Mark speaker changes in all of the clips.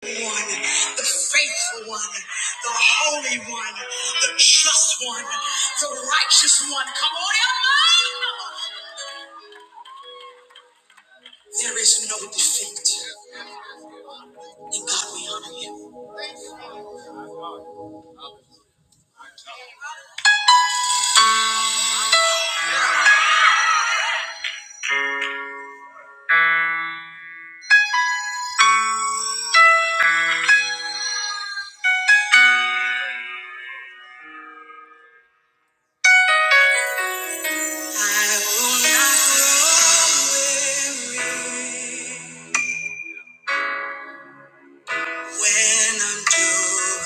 Speaker 1: one, the faithful one, the holy one, the just one, the righteous one. Come on, everybody! There is no defeat in God. We honor Him. I will not grow weary when I'm doing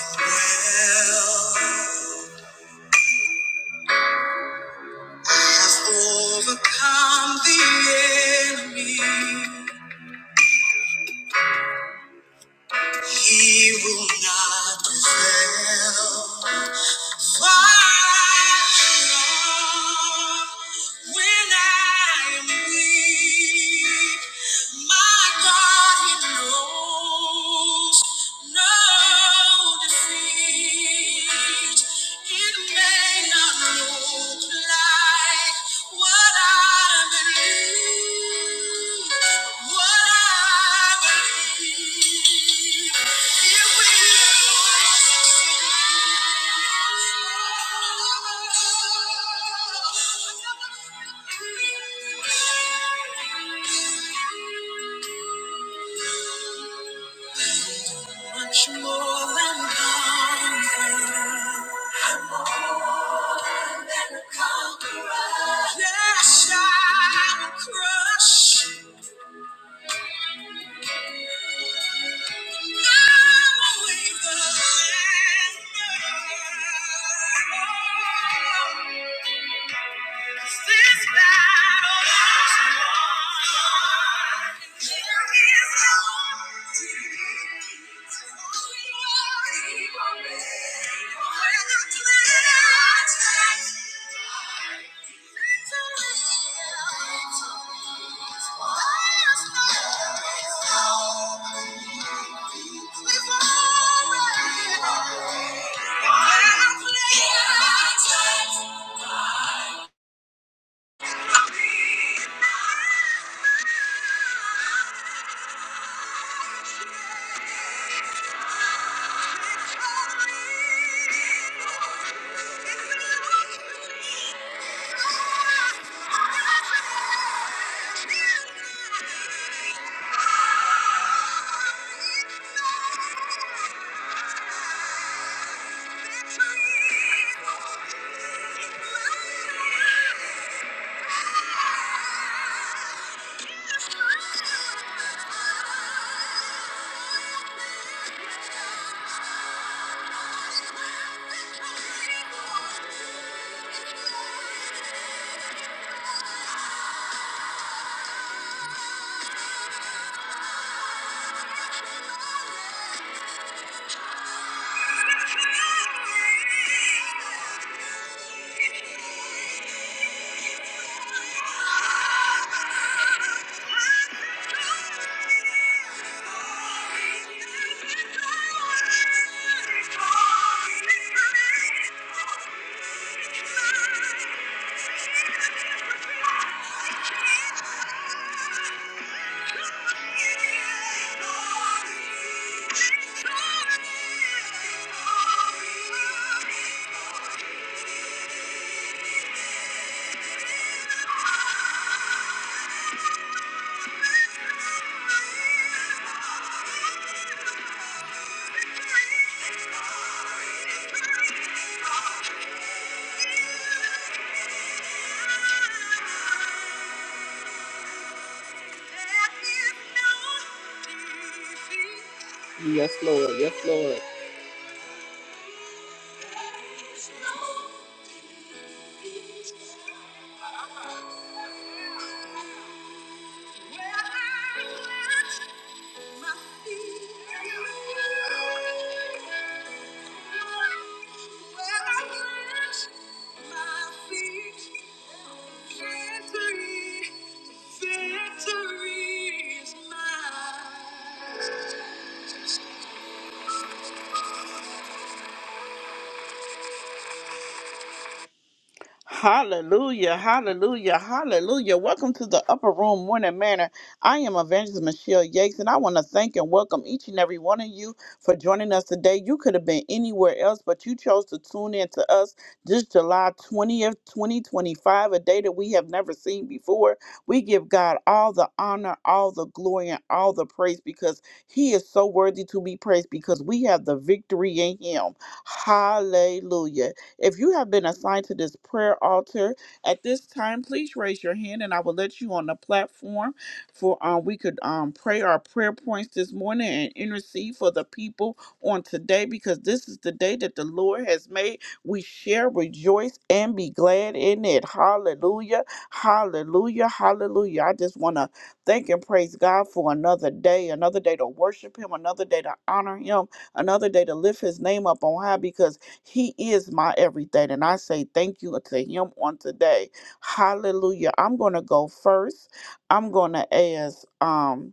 Speaker 1: well. I've overcome the enemy. He will not prevail. Far when I am weak, my God, He knows no defeat. It may not look much more than conqueror, conqueror. Yes, I will crush. Thank you. Thank you. Thank you. Yes, Lord. Yes, Lord. Victory, victory is mine. Hallelujah, hallelujah, hallelujah. Welcome to the Upper Room Morning Manor. I am Evangelist Michelle Yates, and I want to thank and welcome each and every one of you for joining us today. You could have been anywhere else, but you chose to tune in to us this July 20th, 2025, a day that we have never seen before. We give God all the honor, all the glory, and all the praise because He is so worthy to be praised because we have the victory in Him. Hallelujah. If you have been assigned to this prayer altar at this time, please raise your hand and I will let you on the platform for um, we could um, pray our prayer points this morning and intercede for the people on today because this is the day that the Lord has made. We share, rejoice, and be glad in it. Hallelujah. Hallelujah. Hallelujah. I just want to thank and praise God for another day, another day to worship Him, another day to honor Him, another day to lift His name up on high because he is my everything. And I say thank you to him on today. Hallelujah. I'm gonna go first. I'm gonna ask um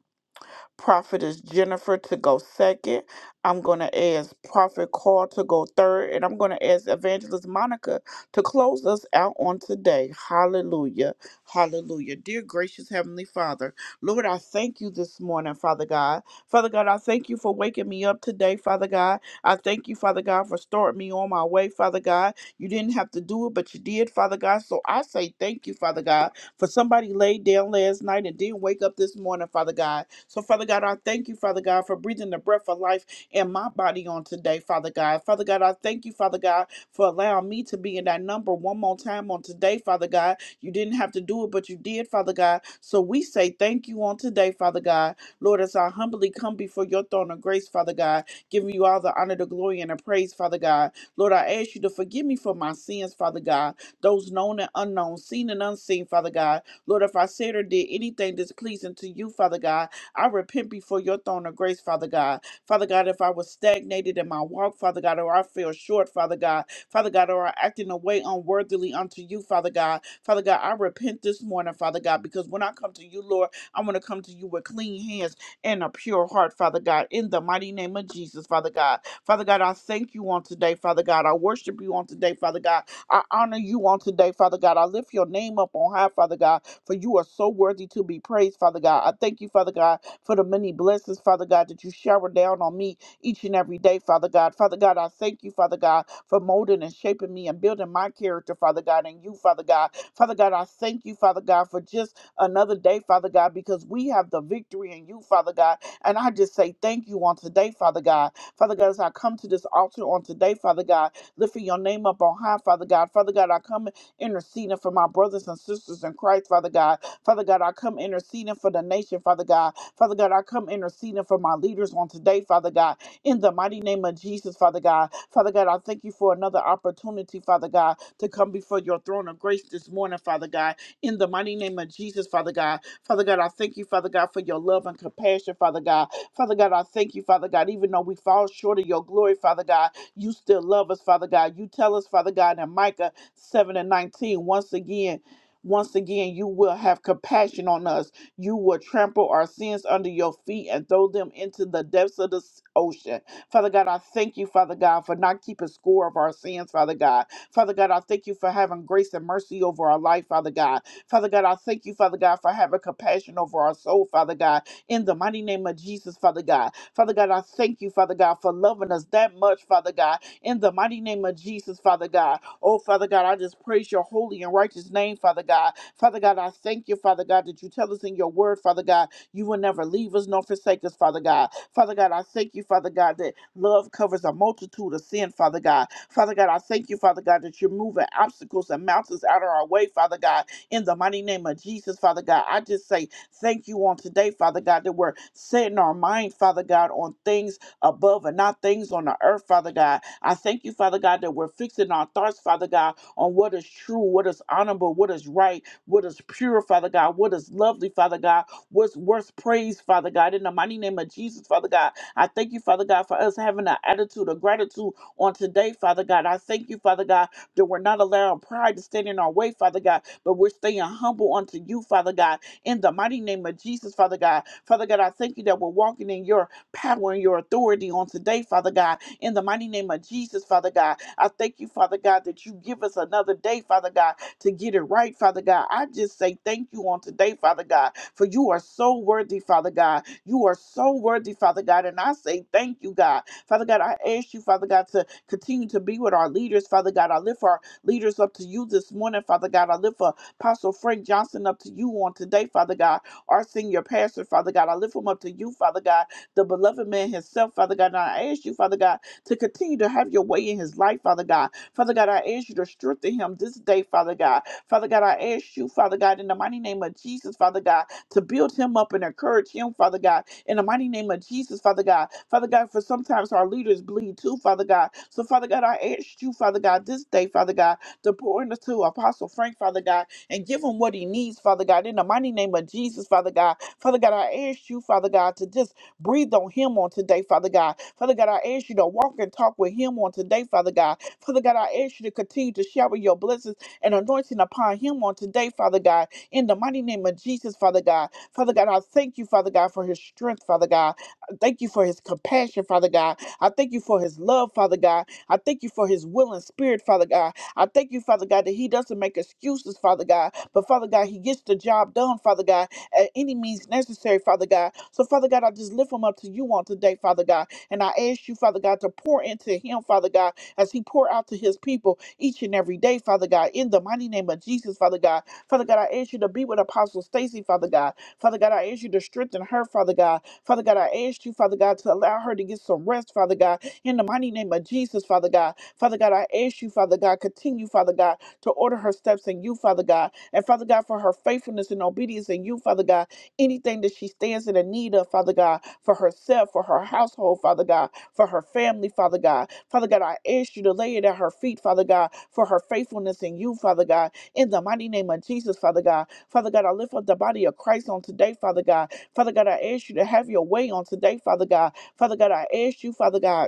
Speaker 1: Prophetess Jennifer to go second. I'm going to ask Prophet Carl to go third. And I'm going to ask Evangelist Monica to close us out on today. Hallelujah. Hallelujah. Dear gracious Heavenly Father, Lord, I thank you this morning, Father God. Father God, I thank you for waking me up today, Father God. I thank you, Father God, for starting me on my way, Father God. You didn't have to do it, but you did, Father God. So I say thank you, Father God. For somebody laid down last night and didn't wake up this morning, Father God. So, Father God, I thank you, Father God, for breathing the breath of life in my body on today, Father God. Father God, I thank you, Father God, for allowing me to be in that number one more time on today, Father God. You didn't have to do it, but you did, Father God. So we say thank you on today, Father God. Lord, as I humbly come before your throne of grace, Father God, giving you all the honor, the glory, and the praise, Father God. Lord, I ask you to forgive me for my sins, Father God those known and unknown, seen and unseen, Father God. Lord, if I said or did anything displeasing to you, Father God, I repent before your throne of grace, Father God. Father God, if I was stagnated in my walk, Father God, or I fell short, Father God, Father God, or I act in a way unworthily unto you, Father God, Father God, I repent this morning, Father God, because when I come to you, Lord, I want to come to you with clean hands and a pure heart, Father God, in the mighty name of Jesus, Father God. Father God, I thank you on today, Father God. I worship you on today, Father God. I honor you on today, Father God. I lift your name up on high, Father God, for you are so worthy to be praised, Father God. I thank you, Father God, for the many blessings, Father God, that you shower down on me each and every day, Father God. Father God, I thank you, Father God, for molding and shaping me and building my character, Father God, and you, Father God. Father God, I thank you, Father God, for just another day, Father God, because we have the victory in you, Father God. And I just say thank you on today, Father God. Father God, as I come to this altar on today, Father God, lifting your name up on high, Father God. Father God, I come interceding for my brothers and sisters in Christ, Father God. Father God, I come interceding for the nation, Father God. Father God, I come interceding for my leaders on today, Father God. In the mighty name of Jesus, Father God. Father God, I thank you for another opportunity, Father God, to come before your throne of grace this morning, Father God. In the mighty name of Jesus, Father God. Father God, I thank you, Father God, for your love and compassion, Father God. Father God, I thank you, Father God, even though we fall short of your glory, Father God. You still love us, Father God. You tell us, Father God, in Micah 7 and 19, once again, once again, you will have compassion on us. You will trample our sins under your feet and throw them into the depths of the s- ocean. Father God, I thank you, Father God, for not keeping score of our sins, Father God. Father God, I thank you for having grace and mercy over our life, Father God. Father God, I thank you, Father God, for having compassion over our soul, Father God. In the mighty name of Jesus, Father God. Father God, I thank you, Father God, for loving us that much, Father God. In the mighty name of Jesus, Father God. Oh, Father God, I just praise your holy and righteous name, Father God. Father God, I thank you, Father God, that you tell us in your word, Father God, you will never leave us nor forsake us, Father God. Father God, I thank you, Father God, that love covers a multitude of sin, Father God. Father God, I thank you, Father God, that you're moving obstacles and mountains out of our way, Father God in the mighty name of Jesus, Father God. I just say thank you on today, Father God, that we're setting our mind, Father God, on things above and not things on the earth, Father God. I thank you, Father God, that we're fixing our thoughts, Father God, on what is true, what is honorable, what is right, what is pure, Father God, what is lovely, Father God, what's worth praise, Father God. In the mighty name of Jesus, Father God, I thank you, Father God, for us having an attitude of gratitude on today, Father God. I thank you, Father God, that we're not allowing pride to stand in our way, Father God, but we're staying humble unto you, Father God, in the mighty name of Jesus, Father God. Father God, I thank you that we're walking in your power and your authority on today, Father God, in the mighty name of Jesus, Father God. I thank you, Father God, that you give us another day, Father God, to get it right, Father God. I just say thank you on today, Father God, for you are so worthy, Father God. You are so worthy, Father God, and I say thank you, God. Father God, I ask you, Father God, to continue to be with our leaders, Father God. I lift our leaders up to you this morning, Father God. I lift up Apostle Frank Johnson up to you on today, Father God. Our senior pastor, Father God. I lift him up to you, Father God. The beloved man himself, Father God. And I ask you, Father God, to continue to have your way in his life, Father God. Father God, I ask you to strengthen him this day, Father God. Father God, I ask you, Father God, in the mighty name of Jesus, Father God, to build him up and encourage him, Father God, in the mighty name of Jesus, Father God. Father God, for sometimes our leaders bleed too, Father God. So, Father God, I ask you, Father God, this day, Father God, to pour into Apostle Frank, Father God, and give him what he needs, Father God. In the mighty name of Jesus, Father God. Father God, I ask you, Father God, to just breathe on him on today, Father God. Father God, I ask you to walk and talk with him on today, Father God. Father God, I ask you to continue to shower your blessings and anointing upon him on today, Father God. In the mighty name of Jesus, Father God. Father God, I thank you, Father God, for his strength, Father God. I thank you for his compassion, Father God. I thank you for his love, Father God. I thank you for his will and spirit, Father God. I thank you, Father God, that he doesn't make excuses, Father God, but Father God, he gets the job done, Father God, at any means necessary, Father God. So, Father God, I just lift him up to you on today, Father God, and I ask you, Father God, to pour into him, Father God, as he pour out to his people each and every day, Father God, in the mighty name of Jesus, Father God. Father God, I ask you to be with Apostle Stacy, Father God. Father God, I ask you to strengthen her, Father God. Father God, I ask you, Father God, to allow her to get some rest, Father God, in the mighty name of Jesus, Father God. Father God, I ask you, Father God, continue, Father God, to order her steps in you, Father God. And Father God, for her faithfulness and obedience in you, Father God, anything that she stands in the need of, Father God, for herself, for her household, Father God, for her family, Father God. Father God, I ask you to lay it at her feet, Father God, for her faithfulness in you, Father God, in the mighty name of Jesus, Father God. Father God, I lift up the body of Christ on today, Father God. Father God, I ask you to have your way on today, Father God. Father God, I ask you, Father God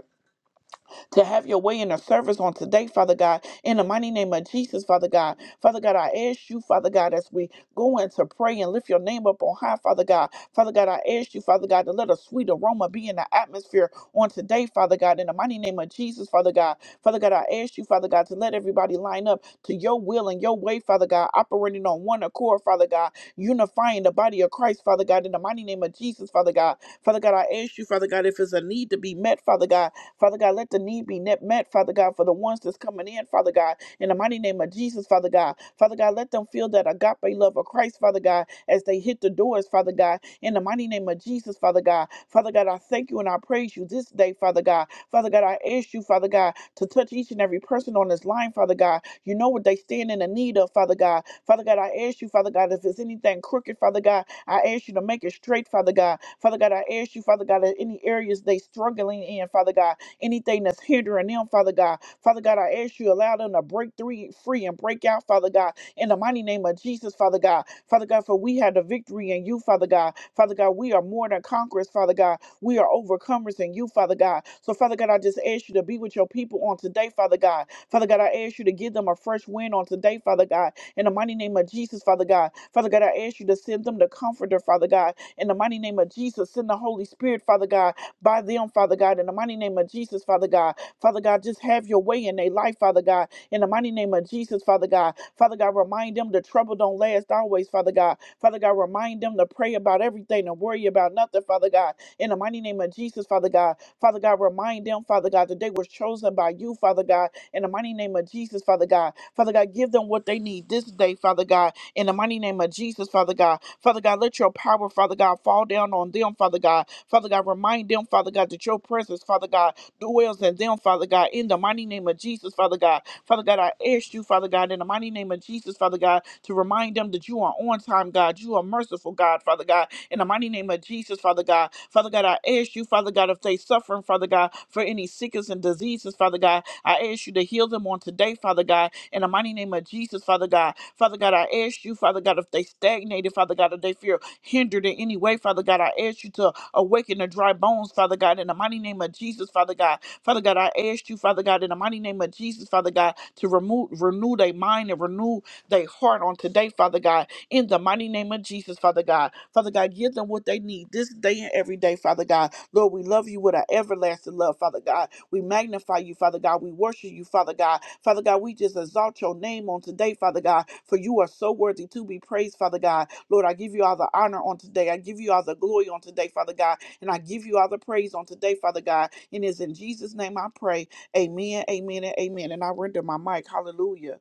Speaker 1: to have your way in the service on today, Father God. In the mighty name of Jesus, Father God. Father God, I ask you, Father God, as we go in to pray and lift your name up on high, Father God. Father God, I ask you, Father God, to let a sweet aroma be in the atmosphere on today, Father God. In the mighty name of Jesus, Father God. Father God, I ask you, Father God, to let everybody line up to your will and your way, Father God, operating on one accord, Father God, unifying the body of Christ, Father God, in the mighty name of Jesus, Father God. Father God, I ask you, Father God, if there's a need to be met, Father God, Father God, let the need be net met, Father God, for the ones that's coming in, Father God, in the mighty name of Jesus, Father God. Father God, let them feel that agape love of Christ, Father God, as they hit the doors, Father God, in the mighty name of Jesus, Father God. Father God, I thank you and I praise you this day, Father God. Father God, I ask you, Father God, to touch each and every person on this line, Father God. You know what they stand in the need of, Father God. Father God, I ask you, Father God, if there's anything crooked, Father God, I ask you to make it straight, Father God. Father God, I ask you, Father God, in any areas they struggling in, Father God anything that's hindering them, Father God. Father God, I ask you, allow them to break three, free and break out, Father God, in the mighty name of Jesus, Father God. Father God, for we have the victory in you, Father God. Father God, we are more than conquerors, Father God. We are overcomers in you, Father God. So, Father God, I just ask you to be with your people on today, Father God. Father God, I ask you to give them a fresh wind on today, Father God, in the mighty name of Jesus, Father God. Father God, I ask you to send them the comforter, Father God, in the mighty name of Jesus. Send the Holy Spirit, Father God, by them, Father God, in the mighty name of Jesus, Father God. Father God, just have your way in their life, Father God, in the mighty name of Jesus, Father God. Father God, remind them the trouble don't last always, Father God. Father God, remind them to pray about everything and worry about nothing, Father God, in the mighty name of Jesus, Father God. Father God, remind them, Father God, that they were chosen by you, Father God God, in the mighty name of Jesus, Father God. Father God, give them what they need this day, Father God, in the mighty name of Jesus, Father God. Father God, let your power, Father God, fall down on them, Father God. Father God, remind them, Father God, that your presence, Father God, dwells in them, Father God, in the mighty name of Jesus, Father God. Father God, I ask you, Father God, in the mighty name of Jesus, Father God, to remind them that you are on time, God. You are merciful, God, Father God, in the mighty name of Jesus, Father God. Father God, I ask you, Father God, if they suffering, Father God, for any sickness and diseases, Father God, I ask you to heal them on today, Father God, in the mighty name of Jesus, Father God. Father God, I ask you, Father God, if they stagnated, Father God, if they feel hindered in any way, Father God, I ask you to awaken the dry bones, Father God, in the mighty name of Jesus, Father God. Father God, I ask you, Father God, in the mighty name of Jesus, Father God, to remove, renew their mind and renew their heart on today, Father God, in the mighty name of Jesus, Father God. Father God, give them what they need this day and every day, Father God. Lord, we love you with our everlasting love, Father God. We magnify you, Father God. We worship you, Father God. Father God, we just exalt your name on today, Father God, for you are so worthy to be praised, Father God. Lord, I give you all the honor on today. I give you all the glory on today, Father God. And I give you all the praise on today, Father God. And it's in Jesus' name I pray. Amen, amen, and amen. And I render my mic. Hallelujah.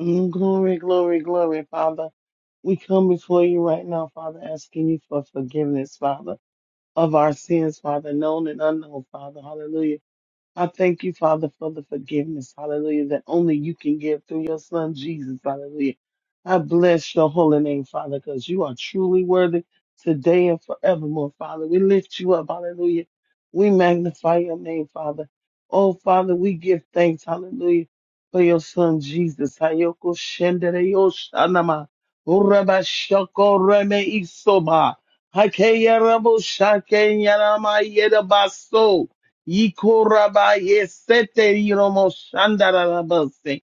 Speaker 2: Mm, Glory, glory, glory, Father. We come before you right now, Father, asking you for forgiveness, Father, of our sins, Father, known and unknown, Father. Hallelujah. I thank you, Father, for the forgiveness, hallelujah, that only you can give through your Son, Jesus, hallelujah. I bless your holy name, Father, because you are truly worthy today and forevermore, Father. We lift you up, hallelujah. We magnify your name, Father. Oh, Father, we give thanks, hallelujah, for your Son, Jesus. Hayoko shendere yo shanama. Uraba shoko reme isoba. Hakeya rabo shake yarama yedabaso. Yikorabayesete-yoromoshandarabase.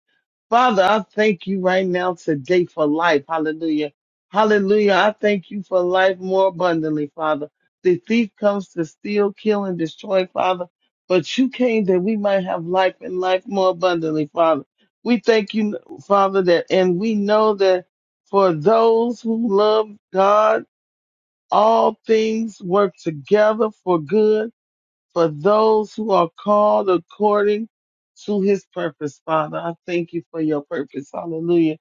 Speaker 2: Father, I thank you right now today for life. Hallelujah. Hallelujah. I thank you for life more abundantly, Father. The thief comes to steal, kill, and destroy, Father. But you came that we might have life and life more abundantly, Father. We thank you, Father, that, and we know that for those who love God, all things work together for good for those who are called according to his purpose, Father. I thank you for your purpose. Hallelujah.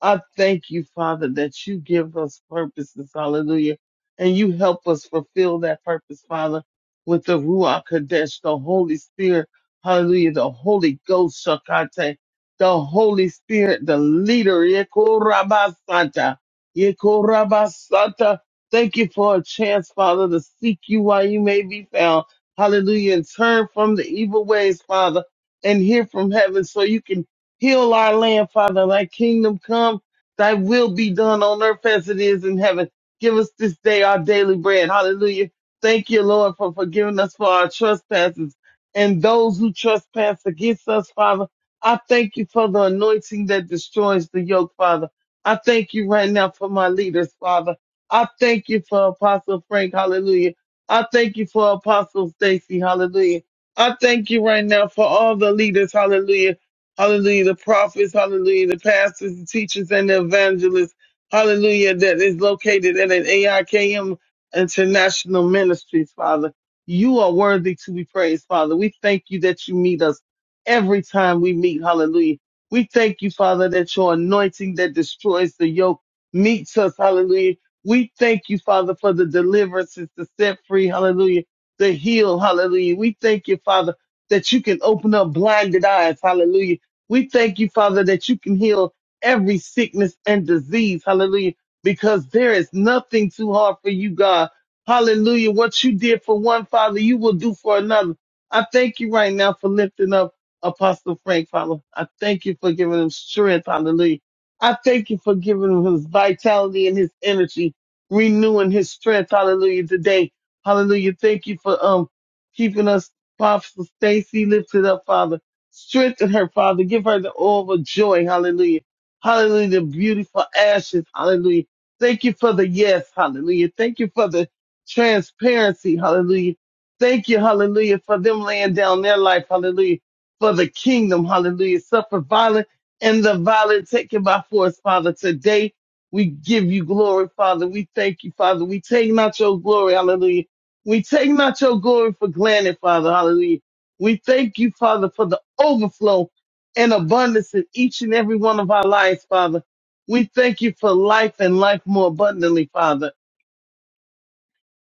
Speaker 2: I thank you, Father, that you give us purposes. Hallelujah. And you help us fulfill that purpose, Father, with the Ruach Kadesh, the Holy Spirit. Hallelujah. The Holy Ghost, Shakate. The Holy Spirit, the leader. Yekorabasata. Yekorabasata. Thank you for a chance, Father, to seek you while you may be found. Hallelujah. And turn from the evil ways, Father, and hear from heaven so you can heal our land, Father. Thy kingdom come, thy will be done on earth as it is in heaven. Give us this day our daily bread. Hallelujah. Thank you, Lord, for forgiving us for our trespasses and those who trespass against us, Father. I thank you for the anointing that destroys the yoke, Father. I thank you right now for my leaders, Father. I thank you for Apostle Frank. Hallelujah I thank you for Apostle Stacy. Hallelujah. I thank you right now for all the leaders. Hallelujah. Hallelujah. The prophets. Hallelujah. The pastors, the teachers, and the evangelists. Hallelujah. That is located at an AIKM International Ministries, Father. You are worthy to be praised, Father. We thank you that you meet us every time we meet. Hallelujah. We thank you, Father, that your anointing that destroys the yoke meets us. Hallelujah we thank you, Father, for the deliverances, the set free, hallelujah, the heal, hallelujah. We thank you, Father, that you can open up blinded eyes, hallelujah. We thank you, Father, that you can heal every sickness and disease, hallelujah, because there is nothing too hard for you, God. Hallelujah. What you did for one, Father, you will do for another. I thank you right now for lifting up Apostle Frank, Father. I thank you for giving him strength, hallelujah. I thank you for giving him his vitality and his energy renewing his strength. Hallelujah. Today. Hallelujah. Thank you for um keeping us, Apostle Stacy, lifted up, Father. Strengthen her, Father. Give her the oil of joy. Hallelujah. Hallelujah. The beautiful ashes. Hallelujah. Thank you for the yes. Hallelujah. Thank you for the transparency. Hallelujah. Thank you. Hallelujah. For them laying down their life. Hallelujah. For the kingdom. Hallelujah. Suffer violence and the violent taken by force, Father. Today, we give you glory, Father. We thank you, Father. We take not your glory, hallelujah. We take not your glory for granted, Father, hallelujah. We thank you, Father, for the overflow and abundance in each and every one of our lives, Father. We thank you for life and life more abundantly, Father.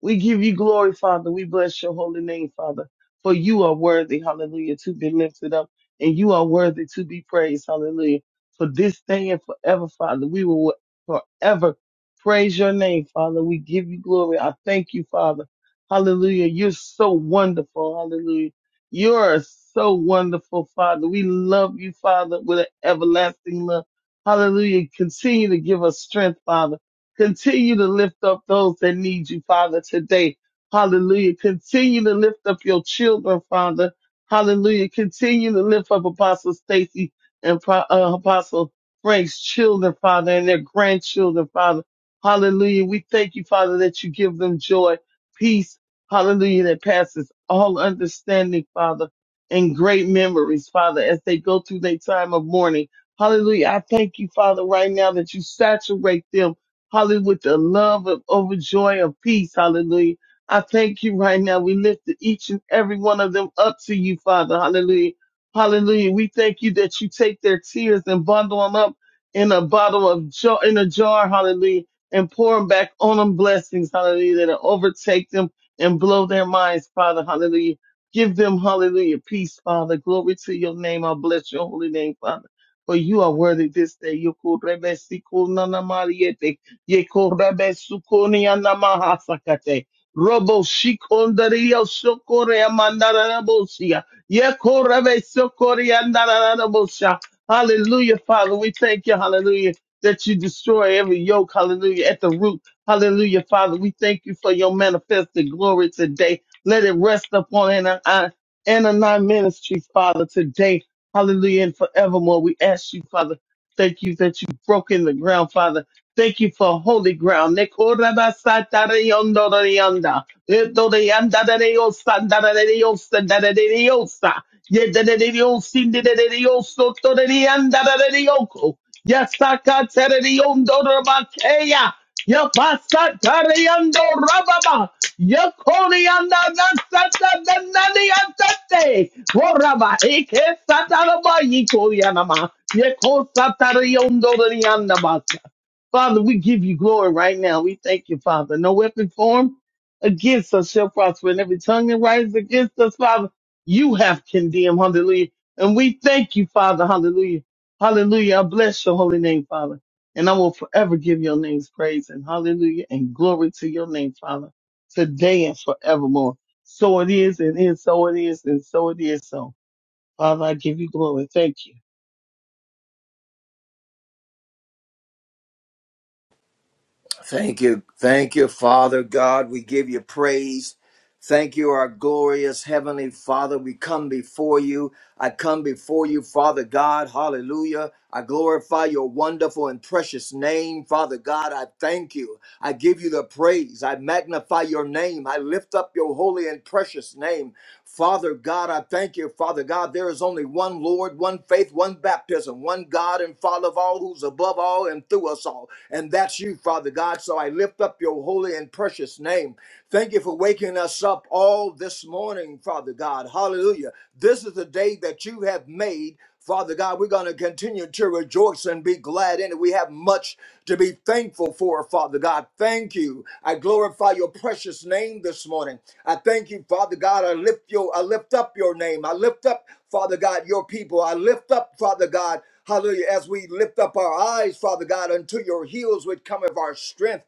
Speaker 2: We give you glory, Father. We bless your holy name, Father. For you are worthy, hallelujah, to be lifted up and you are worthy to be praised, hallelujah. For this day and forever, Father, we will forever praise your name, Father. We give you glory. I thank you, Father. Hallelujah. You're so wonderful, hallelujah. You're so wonderful, Father. We love you, Father, with an everlasting love. Hallelujah. Continue to give us strength, Father. Continue to lift up those that need you, Father, today. Hallelujah. Continue to lift up your children, Father. Hallelujah. Continue to lift up Apostle Stacy and Pro- uh, Apostle Frank's children, Father, and their grandchildren, Father. Hallelujah. We thank you, Father, that you give them joy, peace. Hallelujah. That passes all understanding, Father, and great memories, Father, as they go through their time of mourning. Hallelujah. I thank you, Father, right now that you saturate them Hallelujah. With the love of overjoy of peace. Hallelujah. I thank you right now. We lift each and every one of them up to you, Father. Hallelujah. Hallelujah. We thank you that you take their tears and bundle them up in a bottle of jar, in a jar. Hallelujah. And pour them back on them blessings. Hallelujah. That overtake them and blow their minds, Father. Hallelujah. Give them, hallelujah, peace, Father. Glory to your name. I bless your holy name, Father. For you are worthy this day. You could Yekorebe Sukonia Namahasakate. Robo Shikondario sokore Mandarabosia. Yekorebe Sokoria Narabosia. Hallelujah, Father. We thank you, hallelujah, that you destroy every yoke, hallelujah, at the root. Hallelujah, Father. We thank you for your manifested glory today. Let it rest upon Anna Anani Ministries, Father, today. Hallelujah, and forevermore. We ask you, Father, thank you that you've broken the ground, Father Thank you for holy ground. Nekorabasatareondorayanda. Etoreyandareyosandareyosandareyosa. Yedereyosindereyosotoreyandararyoko. Yasakatereyondorobakeya. Yapasatareyandorababa. Yakoriyandanasatadananiyatate. Oraba ekesataraba yikoyanama. Yekosatareyondorayandabasa. Father, we give you glory right now. We thank you, Father. No weapon formed against us shall prosper, and every tongue that rises against us, Father, you have condemned. Hallelujah. And we thank you, Father. Hallelujah. Hallelujah. I bless your holy name, Father. And I will forever give your name's praise and hallelujah and glory to your name, Father, today and forevermore. So it is, and is, so it is, and so it is. So, Father, I give you glory. Thank you.
Speaker 3: Thank you. Thank you, Father God. We give you praise. Thank you, our glorious Heavenly Father. We come before you. I come before you, Father God. Hallelujah. I glorify your wonderful and precious name, Father God. I thank you. I give you the praise. I magnify your name. I lift up your holy and precious name. Father God, I thank you, Father God. There is only one Lord, one faith, one baptism, one God and Father of all, who's above all and through us all. And that's you, Father God. So I lift up your holy and precious name. Thank you for waking us up all this morning, Father God. Hallelujah. This is the day that you have made. Father God, we're going to continue to rejoice and be glad in it. We have much to be thankful for, Father God. Thank you. I glorify your precious name this morning. I thank you, Father God. I lift your, I lift up your name. I lift up, Father God, your people. I lift up, Father God, hallelujah, as we lift up our eyes, Father God, unto your heels which cometh our strength.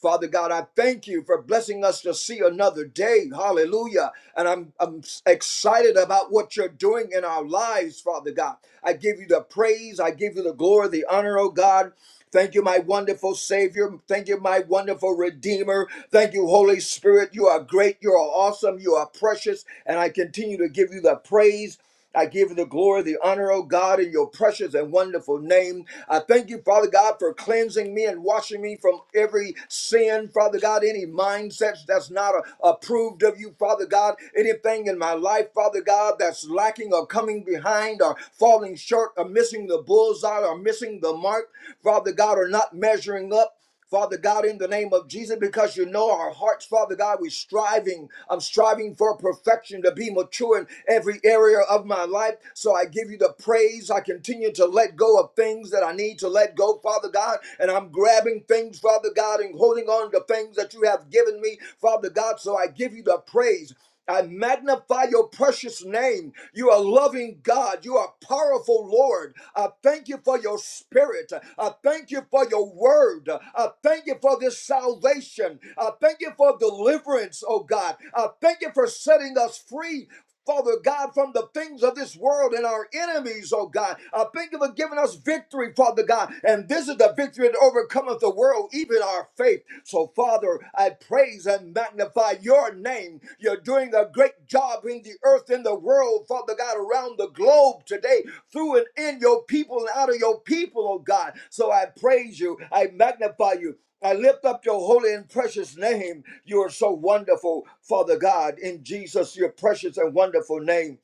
Speaker 3: Father God, I thank you for blessing us to see another day. Hallelujah. And I'm, I'm excited about what you're doing in our lives, Father God. I give you the praise. I give you the glory, the honor, oh God. Thank you, my wonderful Savior. Thank you, my wonderful Redeemer. Thank you, Holy Spirit. You are great. You are awesome. You are precious. And I continue to give you the praise. I give you the glory, the honor, oh God, in your precious and wonderful name. I thank you, Father God, for cleansing me and washing me from every sin, Father God, any mindsets that's not uh, approved of you, Father God, anything in my life, Father God, that's lacking or coming behind or falling short or missing the bullseye or missing the mark, Father God, or not measuring up. Father God, in the name of Jesus, because you know our hearts, Father God, we're striving. I'm striving for perfection to be mature in every area of my life. So I give you the praise. I continue to let go of things that I need to let go, Father God. And I'm grabbing things, Father God, and holding on to things that you have given me, Father God. So I give you the praise. I magnify your precious name. You are loving God. You are powerful, Lord. I thank you for your spirit. I thank you for your word. I thank you for this salvation. I thank you for deliverance, oh God. I thank you for setting us free Father God, from the things of this world and our enemies, oh God. I thank you for giving us victory, Father God. And this is the victory that overcometh the world, even our faith. So, Father, I praise and magnify your name. You're doing a great job in the earth, in the world, Father God, around the globe today, through and in your people and out of your people, oh God. So I praise you. I magnify you. I lift up your holy and precious name. You are so wonderful, Father God, in Jesus, your precious and wonderful name.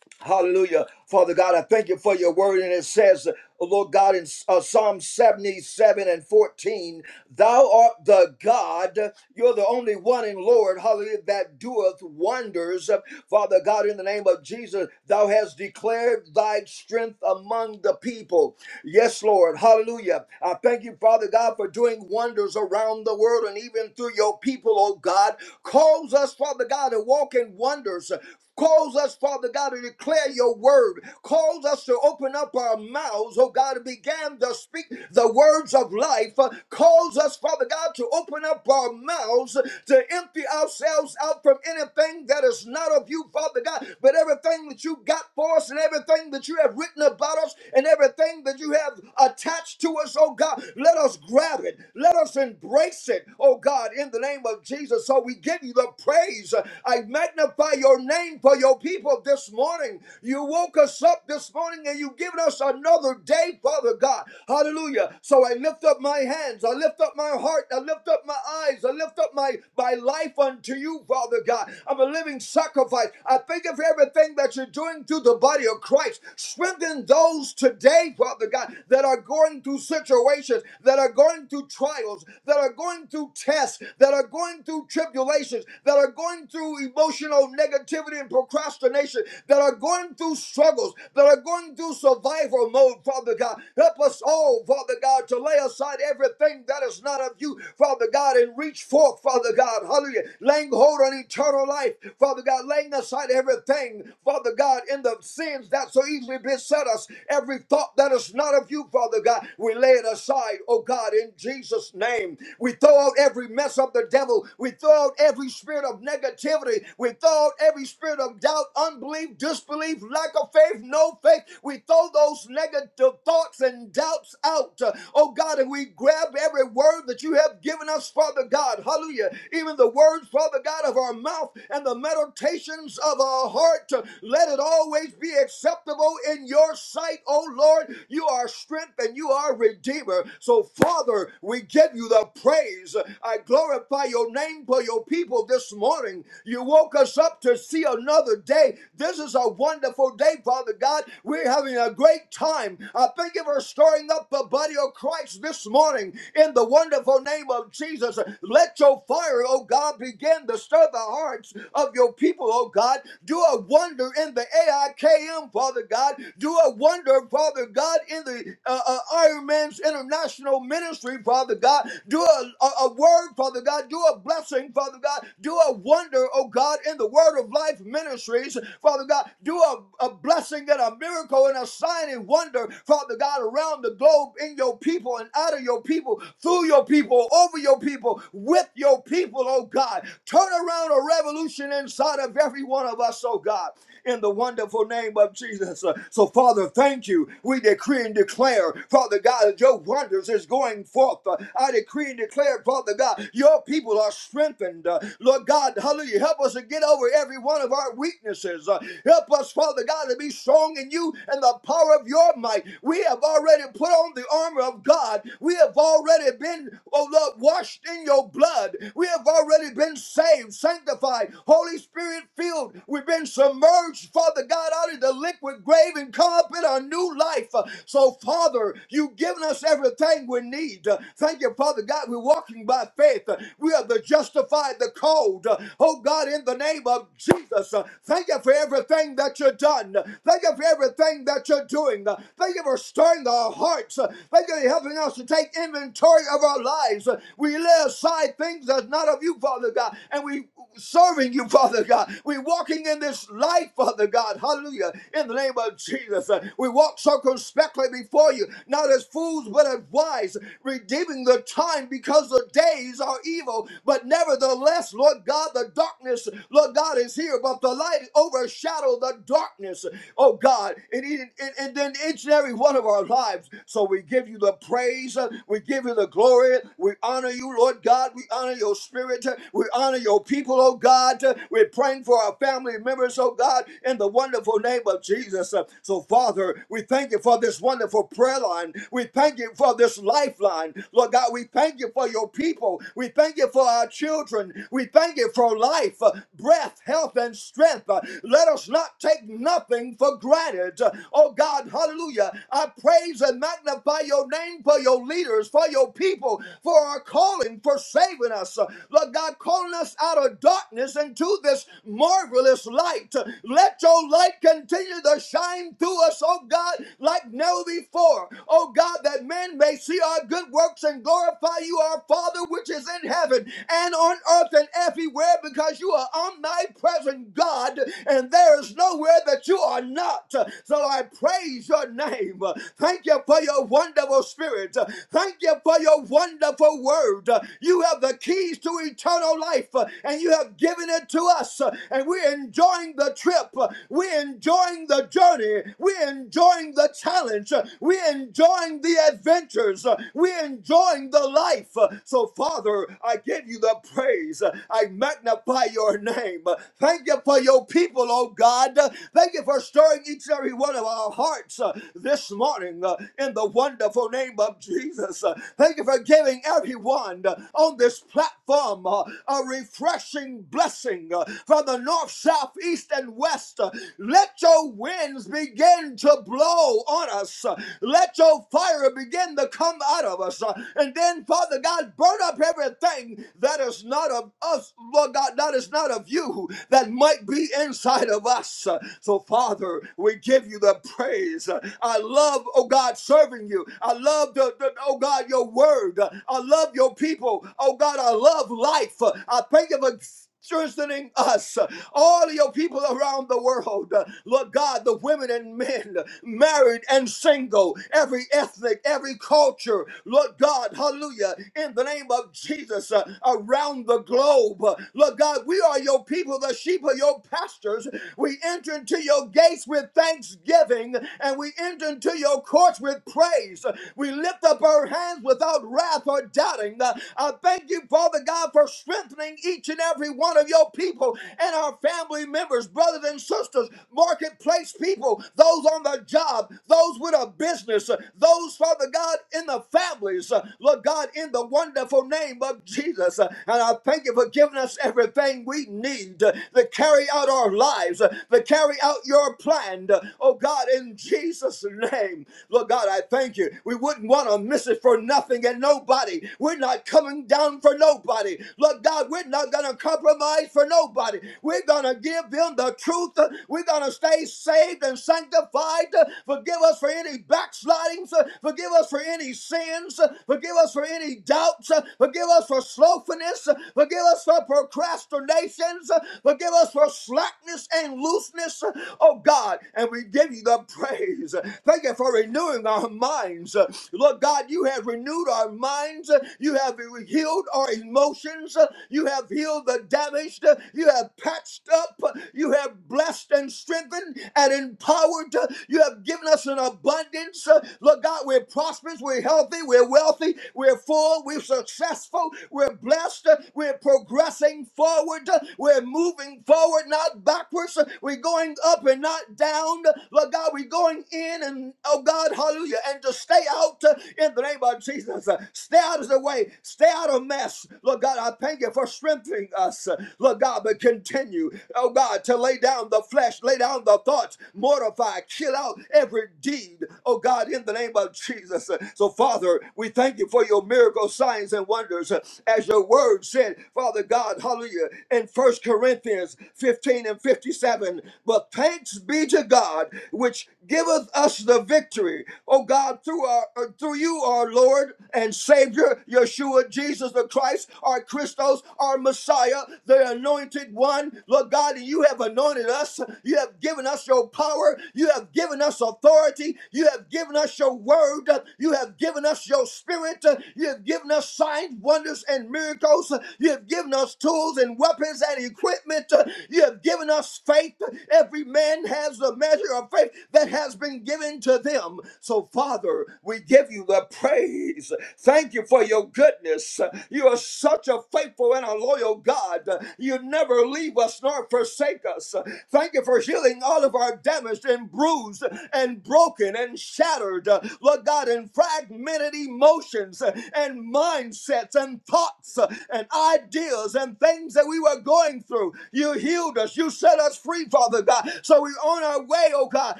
Speaker 3: Hallelujah. Father God, I thank you for your word. And it says, oh Lord God, in uh, Psalm 77 and 14, Thou art the God, you're the only one in Lord, hallelujah, that doeth wonders. Father God, in the name of Jesus, Thou hast declared Thy strength among the people. Yes, Lord, hallelujah. I thank you, Father God, for doing wonders around the world and even through your people, oh God. Cause us, Father God, to walk in wonders. Cause us, Father God, to declare declare your word. Cause us to open up our mouths, oh God, and began to speak the words of life. Uh, Cause us, Father God, to open up our mouths uh, to empty ourselves out from anything that is not of you, Father God, but everything that you got for us and everything that you have written about us and everything that you have attached to us, oh God, let us grab it. Let us embrace it, oh God, in the name of Jesus. So we give you the praise. I magnify your name for your people this morning morning. You woke us up this morning and you've given us another day, Father God. Hallelujah. So I lift up my hands. I lift up my heart. I lift up my eyes. I lift up my, my life unto you, Father God. I'm a living sacrifice. I thank you for everything that you're doing through the body of Christ. Strengthen those today, Father God, that are going through situations, that are going through trials, that are going through tests, that are going through tribulations, that are going through emotional negativity and procrastination, that are are going through struggles, that are going through survival mode, Father God. Help us all, Father God, to lay aside everything that is not of you, Father God, and reach forth, Father God. Hallelujah. Laying hold on eternal life, Father God, laying aside everything, Father God, in the sins that so easily beset us, every thought that is not of you, Father God, we lay it aside, oh God, in Jesus' name. We throw out every mess of the devil, we throw out every spirit of negativity, we throw out every spirit of doubt, unbelief, disbelief, lack of faith, no faith. We throw those negative thoughts and doubts out, uh, oh God, and we grab every word that you have given us, Father God. Hallelujah. Even the words, Father God, of our mouth and the meditations of our heart, uh, let it always be acceptable in your sight, oh Lord. You are strength and you are redeemer. So, Father, we give you the praise. I glorify your name for your people this morning. You woke us up to see another day. This is a is a wonderful day, Father God. We're having a great time. I thank you for stirring up the body of Christ this morning in the wonderful name of Jesus. Let your fire, oh God, begin to stir the hearts of your people, oh God. Do a wonder in the AIKM, Father God. Do a wonder, Father God, in the uh, uh, Iron Man's International Ministry, Father God. Do a, a, a word, Father God. Do a blessing, Father God. Do a wonder, oh God, in the Word of Life Ministries, Father God. God, do a, a blessing and a miracle and a sign and wonder, Father God, around the globe in your people and out of your people, through your people, over your people, with your people, oh God. Turn around a revolution inside of every one of us, oh God, in the wonderful name of Jesus. Uh, So, Father, thank you. We decree and declare, Father God, that your wonders is going forth. Uh, I decree and declare, Father God, your people are strengthened. Uh, Lord God, hallelujah. Help us to get over every one of our weaknesses. Uh, Help us, Father God, to be strong in you and the power of your might. We have already put on the armor of God. We have already been, oh Lord, washed in your blood. We have already been saved, sanctified, Holy Spirit filled. We've been submerged, Father God, out of the liquid grave and carpet a new life. So, Father, you've given us everything we need. Thank you, Father God. We're walking by faith. We are the justified, the called. Oh God, in the name of Jesus, thank you for everything everything that you've done. Thank you for everything that you're doing. Thank you for stirring our hearts. Thank you for helping us to take inventory of our lives. We lay aside things that's not of you, Father God, and we serving you, Father God. we walking in this life, Father God. Hallelujah. In the name of Jesus. We walk circumspectly before you, not as fools, but as wise, redeeming the time because the days are evil. But nevertheless, Lord God, the darkness, Lord God, is here, but the light overshadows shadow, of the darkness, oh God, and, even- and, and then each and every one of our lives. So we give you the praise, uh, we give you the glory, we honor you, Lord God, we honor your spirit, uh, we honor your people, oh God. Uh, We're praying for our family members, oh God, in the wonderful name of Jesus. Uh, So, Father, we thank you for this wonderful prayer line, we thank you for this lifeline, Lord God, we thank you for your people, we thank you for our children, we thank you for life, uh, breath, health, and strength. Uh, Let us must not take nothing for granted. Oh God, hallelujah. I praise and magnify your name for your leaders, for your people, for our calling, for saving us. Lord God, calling us out of darkness into this marvelous light. Let your light continue to shine through us, oh God, like never before. Oh God, that men may see our good works and glorify you, our Father, which is in heaven and on earth and everywhere, because you are omnipresent God, and there there is nowhere that you are not. So I praise your name. Thank you for your wonderful spirit. Thank you for your wonderful word. You have the keys to eternal life and you have given it to us. And we're enjoying the trip. We're enjoying the journey. We're enjoying the challenge. We're enjoying the adventures. We're enjoying the life. So, Father, I give you the praise. I magnify your name. Thank you for your people, oh God. Thank you for stirring each and every one of our hearts uh, this morning uh, in the wonderful name of Jesus. Uh, Thank you for giving everyone uh, on this platform uh, a refreshing blessing uh, from the north, south, east, and west. Uh, Let your winds begin to blow on us. Uh, Let your fire begin to come out of us. Uh, And then, Father God, burn up everything that is not of us, Lord God, that is not of you, that might be inside of of us. So, Father, we give you the praise. I love, oh God, serving you. I love, the, the- oh God, your word. I love your people. Oh God, I love life. I thank you for strengthening us, all of your people around the world. Lord God, the women and men, married and single, every ethnic, every culture. Lord God, hallelujah, in the name of Jesus, uh, around the globe. Lord God, we are your people, the sheep of your pastures, we enter into your gates with thanksgiving and we enter into your courts with praise. We lift up our hands without wrath or doubting. I thank you, Father God, for strengthening each and every one of your people and our family members, brothers and sisters, marketplace people, those on the job, those with a business, those, Father God, in the families, Lord God, in the wonderful name of Jesus. And I thank you for giving us everything we need to carry out our lives lives, uh, to carry out your plan, uh, oh God, in Jesus' name. Lord God, I thank you. We wouldn't want to miss it for nothing and nobody. We're not coming down for nobody. Lord God, we're not going to compromise for nobody. We're going to give them the truth. Uh, We're going to stay saved and sanctified. Uh, Forgive us for any backslidings. Uh, Forgive us for any sins. Uh, Forgive us for any doubts. Uh, Forgive us for slothfulness. Uh, Forgive us for procrastinations. Uh, Forgive us for slackness and looseness, oh God, and we give you the praise. Thank you for renewing our minds. Lord God, you have renewed our minds. You have healed our emotions. You have healed the damaged. You have patched up. You have blessed and strengthened and empowered. You have given us an abundance. Lord God, we're prosperous. We're healthy. We're wealthy. We're full. We're successful. We're blessed. We're progressing forward. We're moving forward, not backwards upwards. We're going up and not down. Lord God, we're going in and, oh God, hallelujah, and to stay out uh, in the name of Jesus. Uh, Stay out of the way. Stay out of mess. Lord God, I thank you for strengthening us. Uh, Lord God, but continue, oh God, to lay down the flesh, lay down the thoughts, mortify, kill out every deed, oh God, in the name of Jesus. Uh, So, Father, we thank you for your miracle signs and wonders. Uh, As your word said, Father God, hallelujah, in First Corinthians 15 and 15. 57. But thanks be to God, which giveth us the victory. Oh God, through our uh, through you, our Lord and Savior, Yeshua, Jesus the Christ, our Christos, our Messiah, the anointed one. Lord God, you have anointed us. You have given us your power. You have given us authority. You have given us your word. You have given us your spirit. You have given us signs, wonders, and miracles. You have given us tools and weapons and equipment. You have given us us faith. Every man has a measure of faith that has been given to them. So, Father, we give you the praise. Thank you for your goodness. You are such a faithful and a loyal God. You never leave us nor forsake us. Thank you for healing all of our damaged and bruised and broken and shattered, uh, Lord God, and fragmented emotions uh, and mindsets and thoughts uh, and ideas and things that we were going through. You healed us. You set set us free, Father God. So we're on our way, oh God.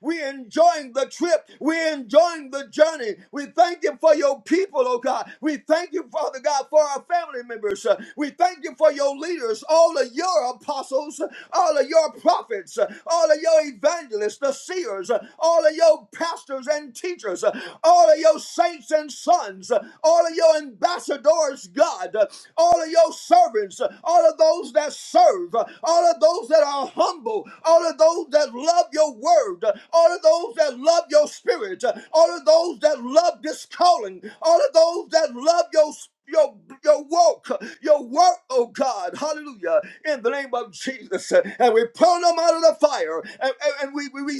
Speaker 3: We're enjoying the trip. We're enjoying the journey. We thank you for your people, oh God. We thank you, Father God, for our family members. Uh, We thank you for your leaders, all of your apostles, uh, all of your prophets, uh, all of your evangelists, the seers, uh, all of your pastors and teachers, uh, all of your saints and sons, uh, all of your ambassadors, God, uh, all of your servants, uh, all of those that serve, uh, all of those that are are humble, all of those that love your word, all of those that love your spirit, all of those that love this calling, all of those that love your spirit. your your work, your work, oh God, hallelujah, in the name of Jesus. And we pull them out of the fire and, and, and we, we, we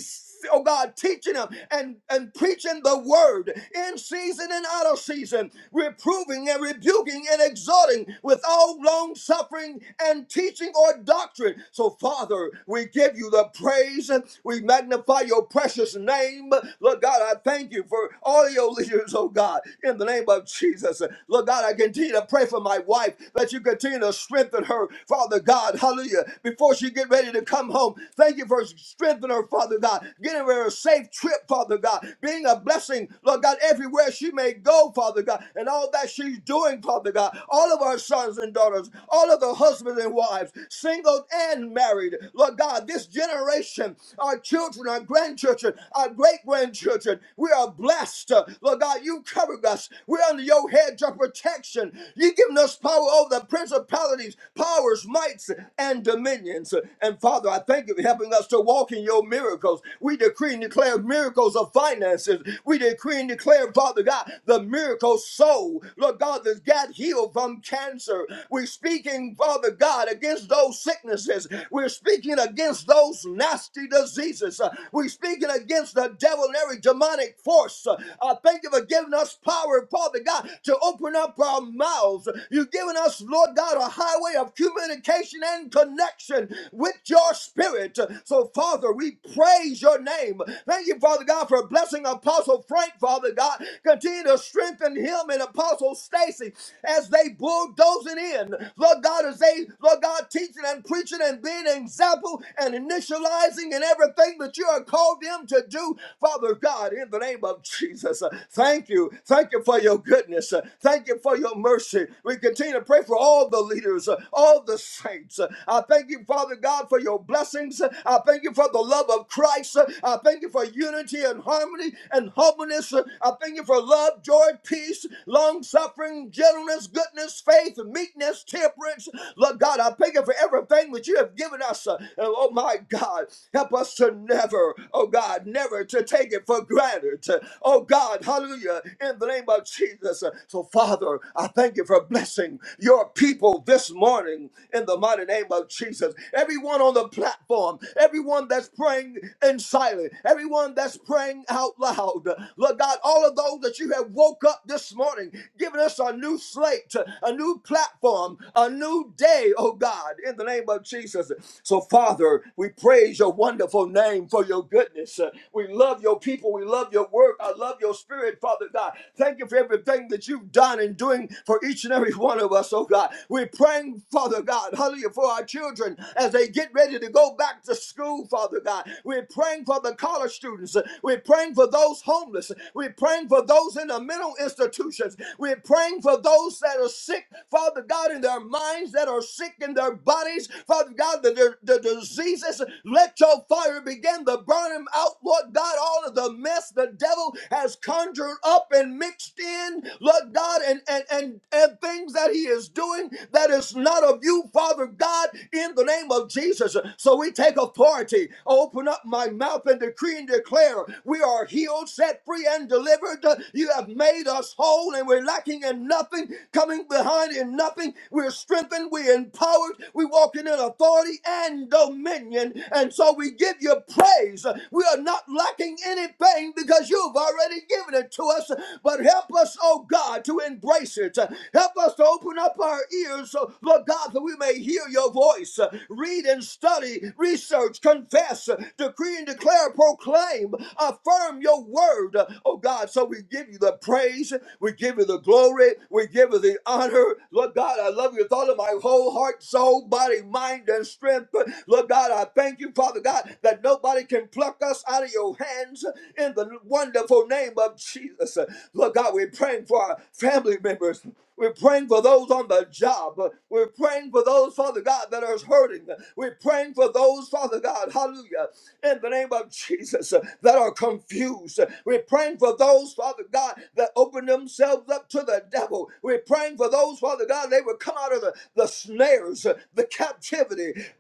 Speaker 3: oh God, teaching them and, and preaching the word in season and out of season, reproving and rebuking and exhorting with all long suffering and teaching or doctrine. So, Father, we give you the praise. We magnify your precious name. Lord God, I thank you for all your leaders, oh God, in the name of Jesus. Lord God, I continue to pray for my wife that you continue to strengthen her, Father God. Hallelujah. Before she get ready to come home, thank you Thank you for strengthening her, Father God. Getting her a safe trip, Father God. Being a blessing, Lord God, everywhere she may go, Father God. And all that she's doing, Father God. All of our sons and daughters, all of the husbands and wives, single and married. Lord God, this generation, our children, our grandchildren, our great grandchildren, we are blessed. Lord God, you covered us. We're under your hedge of protection. You've given us power over the principalities, powers, mights, and dominions opinions. And Father, I thank you for helping us to walk in your miracles. We decree and declare miracles of finances. We decree and declare, Father God, the miracle soul, Lord God, that got healed from cancer. We're speaking, Father God, against those sicknesses. We're speaking against those nasty diseases. Uh, We're speaking against the devil and every demonic force. Uh, I thank you for giving us power, Father God, to open up our mouths. You've given us, Lord God, a highway of have communication and connection with your spirit. So, Father, we praise your name. Thank you, Father God, for blessing Apostle Frank, Father God. Continue to strengthen him and Apostle Stacy as they bulldoze it in. Lord God, as they, Lord God, teaching and preaching and being an example and initializing and everything that you have called them to do, Father God, in the name of Jesus. uh, Thank you. Thank you for your goodness. Uh, Thank you for your mercy. We continue continue to pray for all the leaders, uh, all the saints. Uh, I thank you, Father God, for your blessings. Uh, I thank you for the love of Christ. Uh, I thank you for unity and harmony and humbleness. Uh, I thank you for love, joy, peace, long suffering, gentleness, goodness, faith, meekness, temperance. Lord God, I thank you for everything that you have given us. Uh, and oh my God, help us to never, oh God, never to take it for granted. Uh, Oh God, hallelujah, in the name of Jesus. Uh, So. Oh, Father, I thank you for blessing your people this morning in the mighty name of Jesus. Everyone on the platform, everyone that's praying in silence, everyone that's praying out loud. Lord God, all of those that you have woke up this morning, giving us a new slate, a new platform, a new day, oh God, in the name of Jesus. So, Father, we praise your wonderful name for your goodness. We love your people. We love your work. I love your spirit, Father. Father God. Thank you for everything that you've done and doing for each and every one of us, oh God. We're praying, Father God, hallelujah, for our children as they get ready to go back to school, Father God. We're praying for the college students. We're praying for those homeless. We're praying for those in the mental institutions. We're praying for those that are sick, Father God, in their minds, that are sick in their bodies, Father God, the, the the diseases. Let your fire begin to burn them out, Lord God, all of the mess, the devil has conjured up and mixed in, Lord God, and, and, and, and things that he is doing that is not of you, Father God, in the name of Jesus. So we take authority, open up my mouth and decree and declare we are healed, set free, and delivered. You have made us whole, and we're lacking in nothing, coming behind in nothing. We're strengthened, we're empowered, we're walking in authority and dominion. And so we give you praise we are not lacking anything because you've already given it to us. But help us, oh God, to embrace it. Help us to open up our ears, so, Lord God, that we may hear your voice. Read and study, research, confess, decree and declare, proclaim, affirm your word. Oh God, so we give you the praise, we give you the glory, we give you the honor. Lord God, I love you with all of my whole heart, soul, body, mind, and strength. Lord God, I thank you, Father. Father God, that nobody can pluck us out of your hands in the wonderful name of Jesus. Lord God, we're praying for our family members. We're praying for those on the job. We're praying for those, Father God, that are hurting. We're praying for those, Father God, hallelujah, in the name of Jesus, that are confused. We're praying for those, Father God, that open themselves up to the devil. We're praying for those, Father God, they would come out of the, the snares, the captivity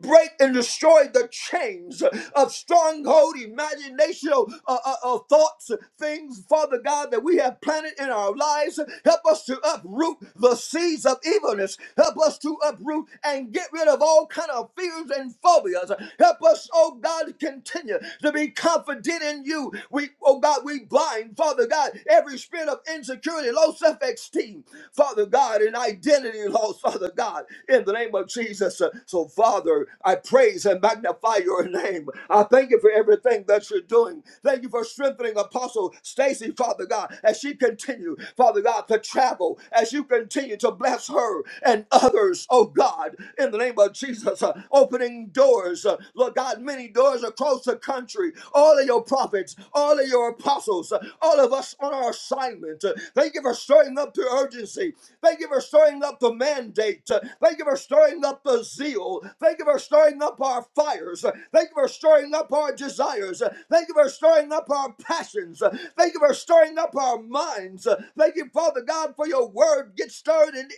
Speaker 3: break and destroy the chains of stronghold, imagination, uh, uh, uh, thoughts, things, Father God, that we have planted in our lives. Help us to uproot the seeds of evilness. Help us to uproot and get rid of all kind of fears and phobias. Help us, oh God, to continue to be confident in you. We, oh God, we blind, Father God, every spirit of insecurity, low self-esteem, Father God, and identity loss. Father God, in the name of Jesus. Uh, So, Father, I praise and magnify your name. I thank you for everything that you're doing. Thank you for strengthening Apostle Stacy, Father God, as she continue, Father God, to travel, as you continue to bless her and others, oh God, in the name of Jesus, uh, opening doors. Uh, Lord God, many doors across the country. All of your prophets, all of your apostles, uh, all of us on our assignment. Uh, Thank you for stirring stirring up the urgency. Thank you for stirring up the mandate. Thank you for stirring up the zeal. Thank you for stirring up our fires. Thank you for stirring up our desires. Thank you for stirring up our passions. Thank you for stirring up our minds. Thank you, Father God, for your word. gets stirred in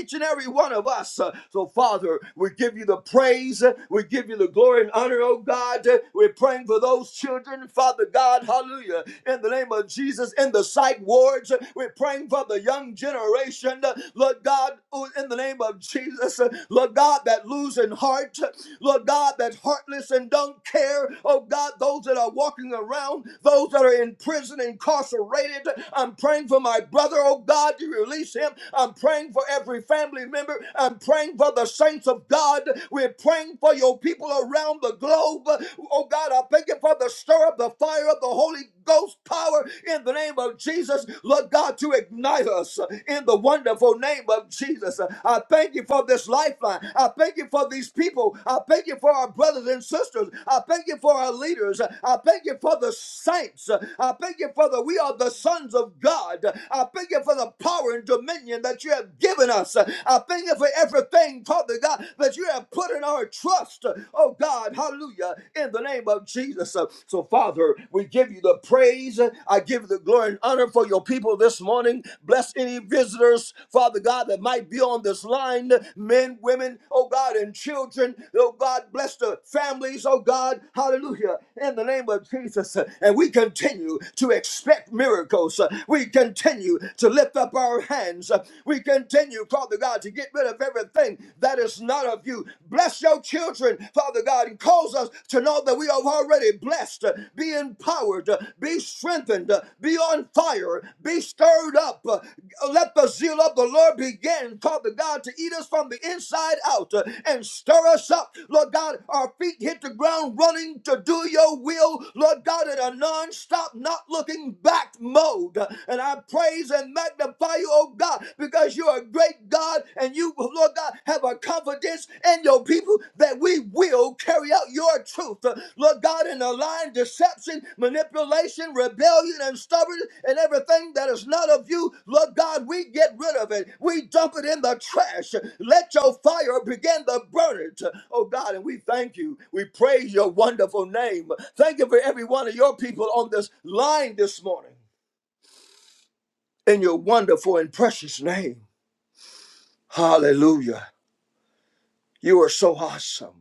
Speaker 3: each and every one of us. So, Father, we give you the praise. We give you the glory and honor, oh God. We're praying for those children, Father God. Hallelujah. In the name name of Jesus in the psych wards. We're praying for the young generation. Lord God, oh, in the name of Jesus, Lord God, that losing heart, Lord God, that's heartless and don't care. Oh God, those that are walking around, those that are in prison, incarcerated. I'm praying for my brother, oh God, you release him. I'm praying for every family member. I'm praying for the saints of God. We're praying for your people around the globe. Oh God, I thank you for the stir of the fire of the Holy Ghost power in the name of Jesus, Lord God, to ignite us in the wonderful name of Jesus. I thank you for this lifeline. I thank you for these people. I thank you for our brothers and sisters. I thank you for our leaders. I thank you for the saints. I thank you for the we are the sons of God. I thank you for the power and dominion that you have given us. I thank you for everything, Father God, that you have put in our trust. Oh God, hallelujah uh, in the name of Jesus. Uh, So, Father, we give you the praise. I give you the glory and honor for your people this morning. Bless any visitors, Father God, that might be on this line men, women, oh God, and children. Oh God, bless the families, oh God. Hallelujah. In the name of Jesus. And we continue to expect miracles. We continue to lift up our hands. We continue, Father God, to get rid of everything that is that's not of you. Bless your children, Father God, and cause us to know that we are already blessed. uh, Be empowered, uh, be strengthened, uh, be on fire, be stirred up. uh, Let the zeal of the Lord begin, Father God, to eat us from the inside out uh, and stir us up. Lord God, our feet hit the ground running to do your will, Lord God, in a non stop, not looking back mode. And I praise and magnify you, oh God because you're a great God and you, Lord God, have a confidence in your people that we will carry out your truth. Uh, Lord God, in the line, deception, manipulation, rebellion, and stubbornness, and everything that is not of you, Lord God, we get rid of it. We dump it in the trash. Let your fire begin to burn it. Oh God, and we thank you. We praise your wonderful name. Thank you for every one of your people on this line this morning in your wonderful and precious name. Hallelujah. You are so awesome.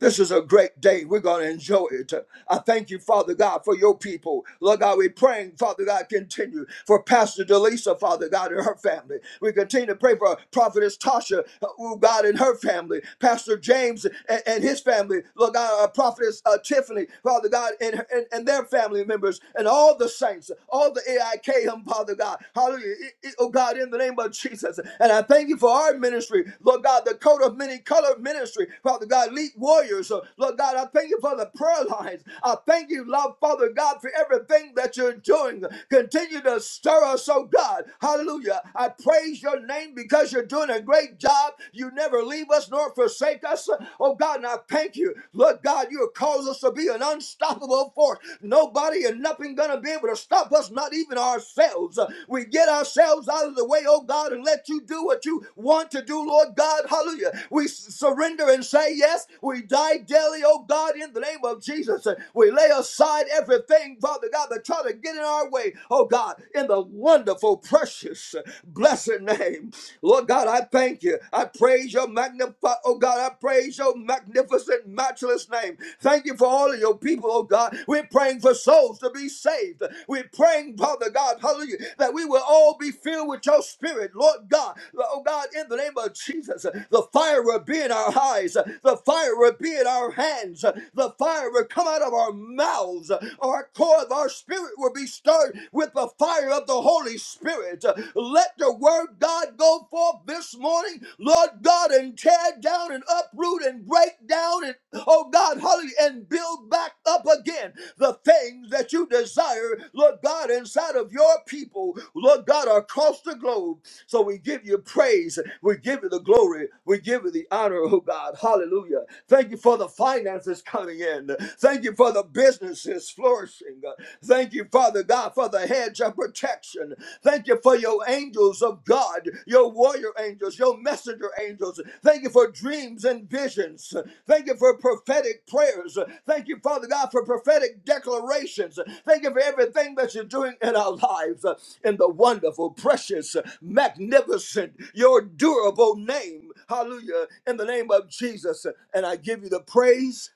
Speaker 3: This is a great day. We're going to enjoy it. I thank you, Father God, for your people. Lord God, we're praying, Father God, continue for Pastor Delisa, Father God, and her family. We continue to pray for Prophetess Tasha, uh, oh God, and her family. Pastor James and, and his family. Lord God, uh, Prophetess uh, Tiffany, Father God, and, her- and, and their family members, and all the saints, all the AIKM, Father God. Hallelujah. I- I- Oh God, in the name of Jesus. And I thank you for our ministry, Lord God, the coat of many colored ministry, Father God, lead warriors. Uh, Lord God, I thank you for the prayer lines. I thank you, love, Father God, for everything that you're doing. Continue to stir us, oh God. Hallelujah. I praise your name because you're doing a great job. You never leave us nor forsake us. Oh God, and I thank you. Lord God, you have caused us to be an unstoppable force. Nobody and nothing gonna be able able to stop us, not even ourselves. Uh, We get ourselves out of the way, oh God, and let you do what you want to do, Lord God. Hallelujah. We s- surrender and say yes. We die daily, oh God, in the name of Jesus. Uh, We lay aside everything, Father God, that try to get in our way, oh God, in the wonderful, precious, uh, blessed name. Lord God, I thank you. I praise your magnified, oh God, I praise your magnificent, matchless matchless name. Thank you for all of your people, oh God. We're praying for souls to be saved. We're praying, Father God, hallelujah, that we will all be filled with your spirit, Lord God. Oh God, in the name of Jesus, the fire will be in our eyes, the fire will be in our hands, the fire will come out of our mouths, our core of our spirit will be stirred with the fire of the Holy Spirit. Let the word God go forth up this morning, Lord God, and tear down and uproot and break down and, oh God, hallelujah, and build back up again the things that you desire, Lord God, inside of your people, Lord God, across the globe. So we give you praise. We give you the glory. We give you the honor, oh God. Hallelujah. Thank you for the finances coming in. Thank you for the businesses flourishing. Thank you, Father God for the hedge of protection. Thank you for your angels of God, your warrior angels, your messenger angels. Thank you for dreams and visions. Thank you for prophetic prayers. Thank you, Father God, for prophetic declarations. Thank you for everything that you're doing in our lives in the wonderful, precious, magnificent, your durable name. Hallelujah. In the name of Jesus. And I give you the praise.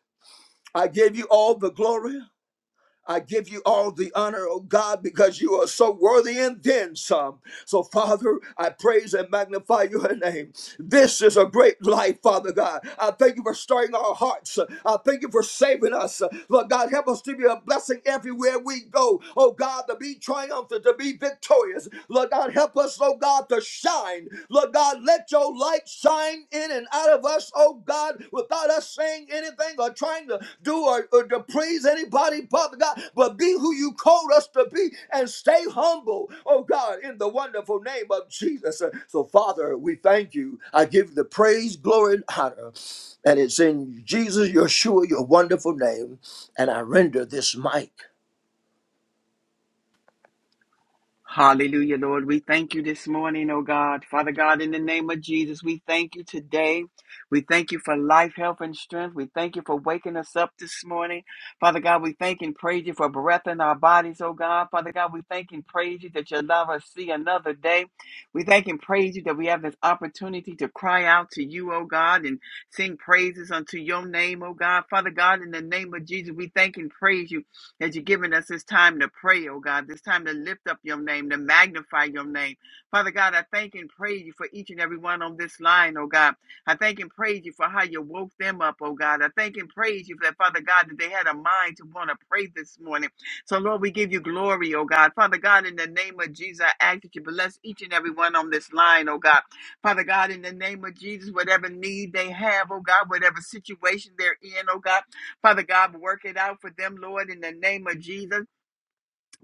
Speaker 3: I give you all the glory. I give you all the honor, oh God, because you are so worthy and then some. So, Father, I praise and magnify your name. This is a great life, Father God. I thank you for stirring our hearts. I thank you for saving us. Lord God, help us to be a blessing everywhere we go. Oh God, to be triumphant, to be victorious. Lord God, help us, oh God, to shine. Lord God, let your light shine in and out of us, oh God, without us saying anything or trying to do or, or to please anybody, Father God, but be who you called us to be and stay humble, oh God, in the wonderful name of Jesus. So, Father, we thank you. I give the praise, glory, and honor. And it's in Jesus, Yeshua, your wonderful name. And I render this mic.
Speaker 4: Hallelujah, Lord. We thank you this morning, oh God. Father God, in the name of Jesus, we thank you today. We thank you for life, health, and strength. We thank you for waking us up this morning. Father God, we thank and praise you for breath in our bodies, oh God. Father God, we thank and praise you that you allow us to see another day. We thank and praise you that we have this opportunity to cry out to you, oh God, and sing praises unto your name, oh God. Father God, in the name of Jesus, we thank and praise you that you've given us this time to pray, oh God, this time to lift up your name, to magnify your name. Father God, I thank and praise you for each and every one on this line, oh God. I thank and praise you for how you woke them up, oh God. I thank and praise you for that, Father God, that they had a mind to want to pray this morning. So, Lord, we give you glory, oh God. Father God, in the name of Jesus, I ask that you bless each and every one on this line, oh God. Father God, in the name of Jesus, whatever need they have, oh God, whatever situation they're in, oh God. Father God, work it out for them, Lord, in the name of Jesus.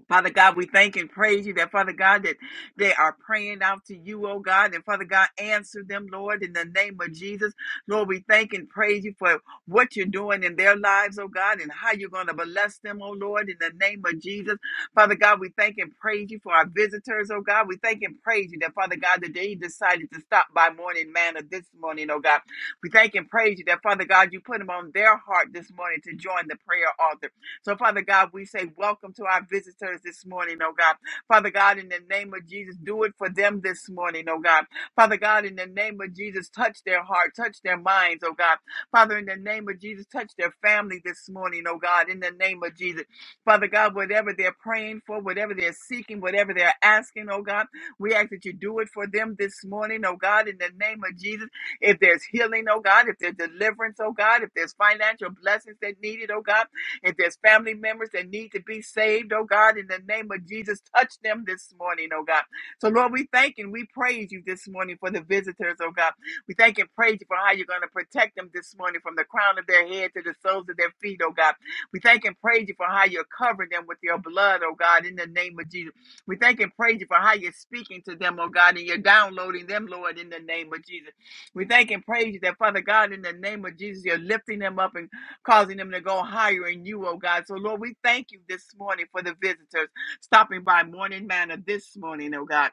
Speaker 4: Father God, we thank and praise you that, Father God, that they are praying out to you, oh God, and Father God, answer them, Lord, in the name of Jesus. Lord, we thank and praise you for what you're doing in their lives, oh God, and how you're going to bless them, oh Lord, in the name of Jesus. Father God, we thank and praise you for our visitors, oh God. We thank and praise you that, Father God, that they decided to stop by morning manna this morning, oh God. We thank and praise you that, Father God, you put them on their heart this morning to join the prayer altar. So, Father God, we say welcome to our visitors this morning, oh God. Father God, in the name of Jesus, do it for them this morning, oh God. Father God, in the name of Jesus, touch their heart, touch their minds, oh God. Father, in the name of Jesus, touch their family this morning, oh God, in the name of Jesus. Father God, whatever they're praying for, whatever they're seeking, whatever they're asking, oh God, we ask that you do it for them this morning, oh God, in the name of Jesus. If there's healing, oh God, if there's deliverance, oh God, if there's financial blessings that needed, oh God. If there's family members that need to be saved, oh God, in the name of Jesus, touch them this morning, oh God. So, Lord, we thank and we praise you this morning for the visitors, oh God. We thank and praise you for how you're going to protect them this morning from the crown of their head to the soles of their feet, oh God. We thank and praise you for how you're covering them with your blood, oh God, in the name of Jesus. We thank and praise you for how you're speaking to them, oh God, and you're downloading them, Lord, in the name of Jesus. We thank and praise you that, Father God, in the name of Jesus, you're lifting them up and causing them to go higher in you, oh God. So, Lord, we thank you this morning for the visitors stopping by Morning Manor this morning, oh God.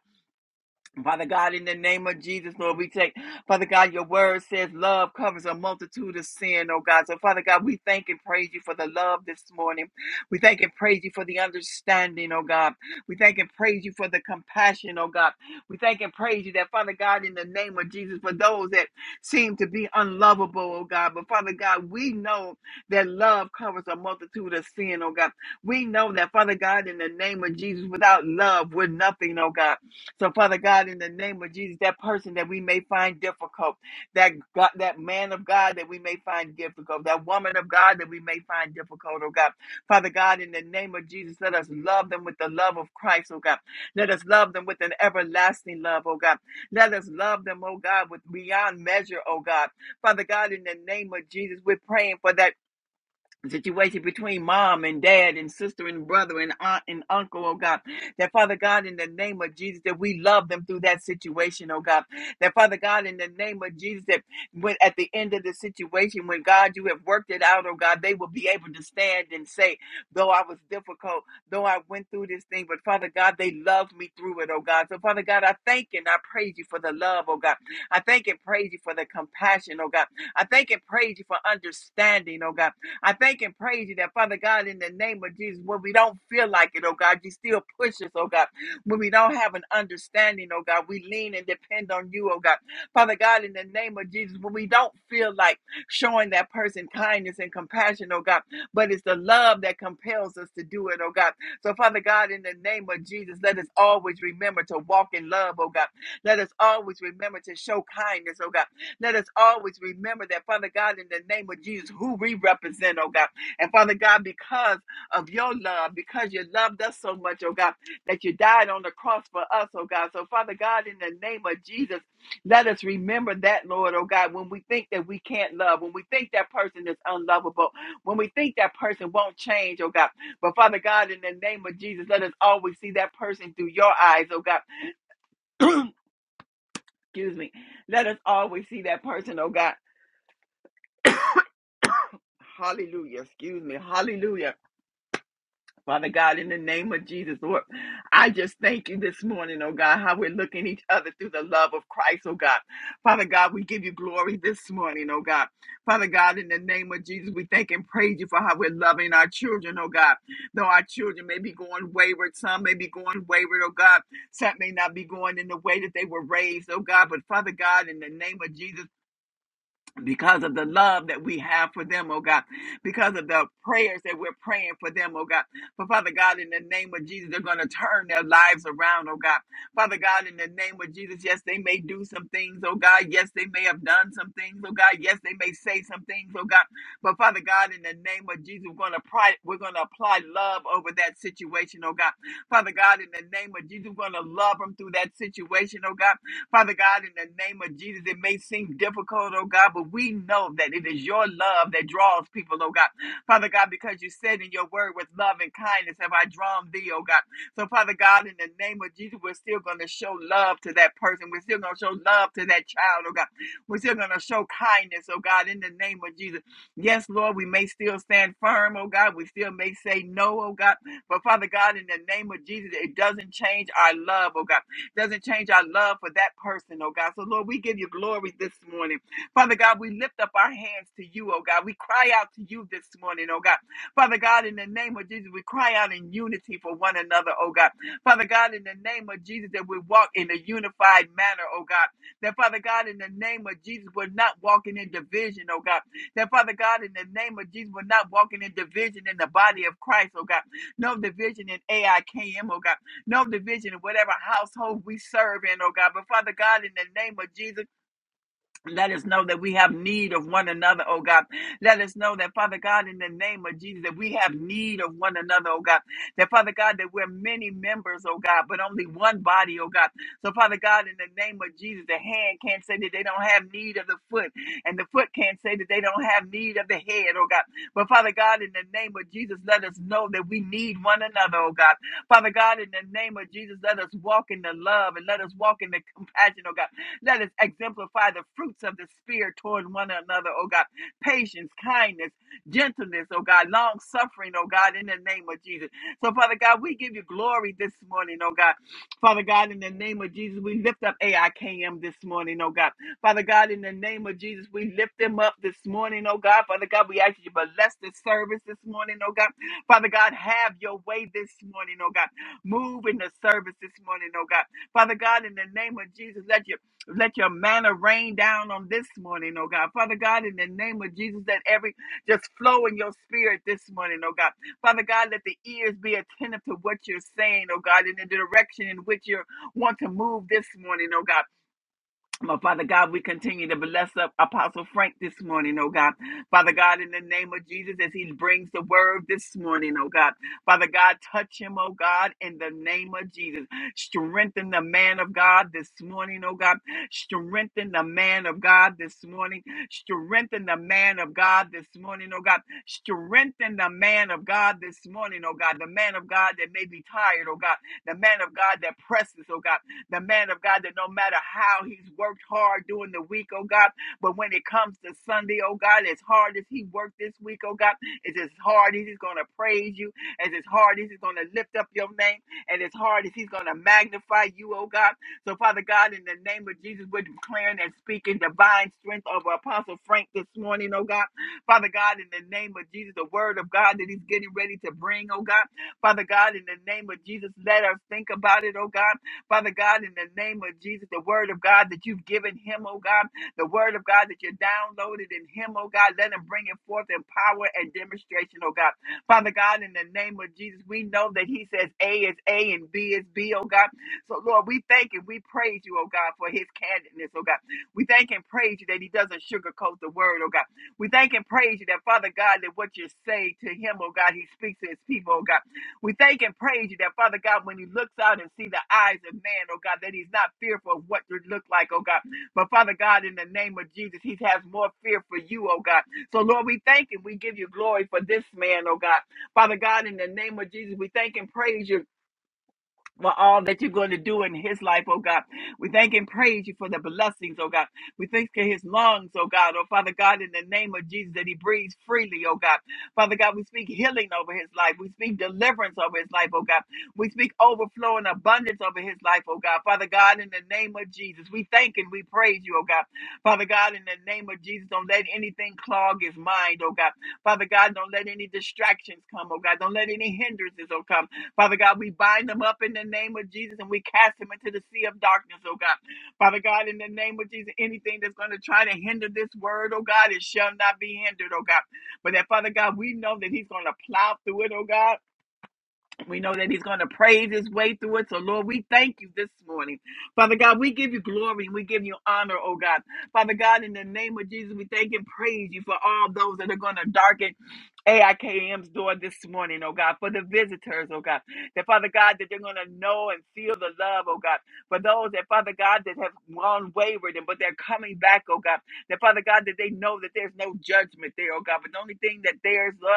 Speaker 4: Father God, in the name of Jesus, Lord, we take, Father God, your word says love covers a multitude of sin, oh God. So, Father God, we thank and praise you for the love this morning. We thank and praise you for the understanding, oh God. We thank and praise you for the compassion, oh God. We thank and praise you that, Father God, in the name of Jesus, for those that seem to be unlovable, oh God. But, Father God, we know that love covers a multitude of sin, oh God. We know that, Father God, in the name of Jesus, without love, we're nothing, oh God. So, Father God, in the name of Jesus, that person that we may find difficult, that God, that man of God that we may find difficult, that woman of God that we may find difficult, oh God. Father God, in the name of Jesus, let us love them with the love of Christ, oh God. Let us love them with an everlasting love, oh God. Let us love them, oh God, with beyond measure, oh God. Father God, in the name of Jesus, we're praying for that situation between mom and dad and sister and brother and aunt and uncle, oh God. That Father God, in the name of Jesus, that we love them through that situation, oh God. That Father God, in the name of Jesus, that when at the end of the situation, when God, you have worked it out, oh God, they will be able to stand and say, though I was difficult, though I went through this thing, but Father God, they loved me through it, oh God. So Father God, I thank and I praise you for the love, oh God. I thank and praise you for the compassion, oh God. I thank and praise you for understanding, oh God. I thank and praise you that, Father God, in the name of Jesus, when we don't feel like it, oh God, you still push us, oh God. When we don't have an understanding, oh God, we lean and depend on you, oh God. Father God, in the name of Jesus, when we don't feel like showing that person kindness and compassion, oh God, but it's the love that compels us to do it, oh God. So, Father God, in the name of Jesus, let us always remember to walk in love, oh God. Let us always remember to show kindness, oh God. Let us always remember that, Father God, in the name of Jesus, who we represent, oh God. And Father God, because of your love, because you loved us so much, oh God, that you died on the cross for us, oh God. So, Father God, in the name of Jesus, let us remember that, Lord, oh God, when we think that we can't love, when we think that person is unlovable, when we think that person won't change, oh God. But, Father God, in the name of Jesus, let us always see that person through your eyes, oh God. Excuse me. Let us always see that person, oh God Hallelujah. Excuse me. Hallelujah. Father God, in the name of Jesus, Lord, I just thank you this morning, oh God, how we're looking each other through the love of Christ, oh God. Father God, we give you glory this morning, oh God. Father God, in the name of Jesus, we thank and praise you for how we're loving our children, oh God. Though our children may be going wayward, some may be going wayward, oh God. Some may not be going in the way that they were raised, oh God. But Father God, in the name of Jesus, because of the love that we have for them, oh God, because of the prayers that we're praying for them, oh God. But Father God, in the name of Jesus, they're going to turn their lives around, oh God. Father God, in the name of Jesus, yes, they may do some things, oh God. Yes, they may have done some things, oh God. Yes, they may say some things, oh God. But Father God, in the name of Jesus, we're going to apply, we're going to apply love over that situation, oh God. Father God, in the name of Jesus, we're going to love them through that situation, oh God. Father God, in the name of Jesus, it may seem difficult, oh God, but we know that it is your love that draws people, oh God. Father God, because you said in your word, with love and kindness have I drawn thee, oh God. So, Father God, in the name of Jesus, we're still going to show love to that person. We're still going to show love to that child, oh God. We're still going to show kindness, oh God, in the name of Jesus. Yes, Lord, we may still stand firm, oh God. We still may say no, oh God. But Father God, in the name of Jesus, it doesn't change our love, oh God doesn't change our love for that person, oh God. So, Lord, we give you glory this morning. Father God, we lift up our hands to you, oh God. We cry out to you this morning, oh God. Father God, in the name of Jesus, we cry out in unity for one another, oh God. Father God, in the name of Jesus, that we walk in a unified manner, oh God. That, Father God, in the name of Jesus, we're not walking in division, oh God. That, Father God, in the name of Jesus, we're not walking in division in the body of Christ, oh God. No division in AIKM, oh God no division in whatever household we serve in, oh God. But Father God, in the name of Jesus, let us know that we have need of one another, oh God. Let us know that, Father God, in the name of Jesus, that we have need of one another, oh God. That, Father God, that we're many members, oh God, but only one body, oh God. So, Father God, in the name of Jesus, the hand can't say that they don't have need of the foot, and the foot can't say that they don't have need of the head, oh God. But, Father God, in the name of Jesus, let us know that we need one another, oh God. Father God, in the name of Jesus, let us walk in the love and let us walk in the compassion, oh God. Let us exemplify the fruits of the Spirit toward one another, oh God. Patience, kindness, gentleness, oh God. Long suffering, oh God, in the name of Jesus. So, Father God, we give you glory this morning, oh God. Father God, in the name of Jesus, we lift up AIKM this morning, oh God. Father God, in the name of Jesus, we lift them up this morning, oh God. Father God, we ask you to bless this service this morning, oh God. Father God, have your way this morning, oh God. Move in the service this morning, oh God. Father God, in the name of Jesus, let your let your manna rain down on this morning, oh God. Father God, in the name of Jesus, let every just flow in your spirit this morning, oh God. Father God, let the ears be attentive to what you're saying, oh God, in the direction in which you want to move this morning, oh God. My Father God, we continue to bless up Apostle Frank this morning, oh God. Father God, in the name of Jesus, as he brings the word this morning, oh God. Father God, touch him, oh God, in the name of Jesus. Strengthen the man of God this morning, oh God. Strengthen the man of God this morning. Strengthen the man of God this morning, oh God. Strengthen the man of God this morning, oh God. The man of God that may be tired, oh God. The man of God that presses, oh God the man of God, that no matter how he's worked hard during the week, oh God, but when it comes to Sunday, oh God, as hard as he worked this week, oh God, it's as hard as he's going to praise you, as as hard as he's going to lift up your name, and as hard as he's going to magnify you, oh God. So, Father God, in the name of Jesus, we're declaring and speaking divine strength over Apostle Frank this morning, oh God. Father God, in the name of Jesus, the word of God that he's getting ready to bring, oh God. Father God, in the name of Jesus, let us think about it, oh God. Father God, in the name of Jesus, the word of God that you've given him, oh God, the word of God that you downloaded in him, oh God, let him bring it forth in power and demonstration, oh God. Father God, in the name of Jesus, we know that he says A is A and B is B, oh God. So, Lord, we thank and we praise you, oh God, for his candidness, oh God. We thank and praise you that he doesn't sugarcoat the word, oh God. We thank and praise you that, Father God, that what you say to him, oh God, he speaks to his people, oh God. We thank and praise you that, Father God, when he looks out and see the eyes of man, oh God, that he's not fearful of what you look like, oh God. But Father God, in the name of Jesus, he has more fear for you, oh God. So Lord, we thank and we give you glory for this man, oh God. Father God, in the name of Jesus, we thank and praise you for all that you're going to do in his life, oh God. We thank and praise you for the blessings, oh God. We thank for his lungs, oh God. Oh Father God, in the name of Jesus, that he breathes freely, oh God. Father God, we speak healing over his life. We speak deliverance over his life, oh God. We speak overflow and abundance over his life, oh God. Father God, in the name of Jesus, we thank and we praise you, oh God. Father God, in the name of Jesus, don't let anything clog his mind, oh God. Father God, don't let any distractions come, oh God. Don't let any hindrances, oh God. Father God, we bind them up in the name of Jesus and we cast them into the sea of darkness, oh God. Father God, in the name of Jesus, anything that's going to try to hinder this word, oh God, it shall not be hindered, oh God. But that, Father God, we know that He's going to plow through it, oh God. We know that he's going to praise his way through it. So, Lord, we thank you this morning. Father God, we give you glory and we give you honor, oh God. Father God, in the name of Jesus, we thank and praise you for all those that are going to darken AIKM's door this morning, oh God, for the visitors, oh God. That, Father God, that they're going to know and feel the love, oh God. For those that, Father God, that have gone wayward and but they're coming back, oh God. That, Father God, that they know that there's no judgment there, oh God. But the only thing that there is love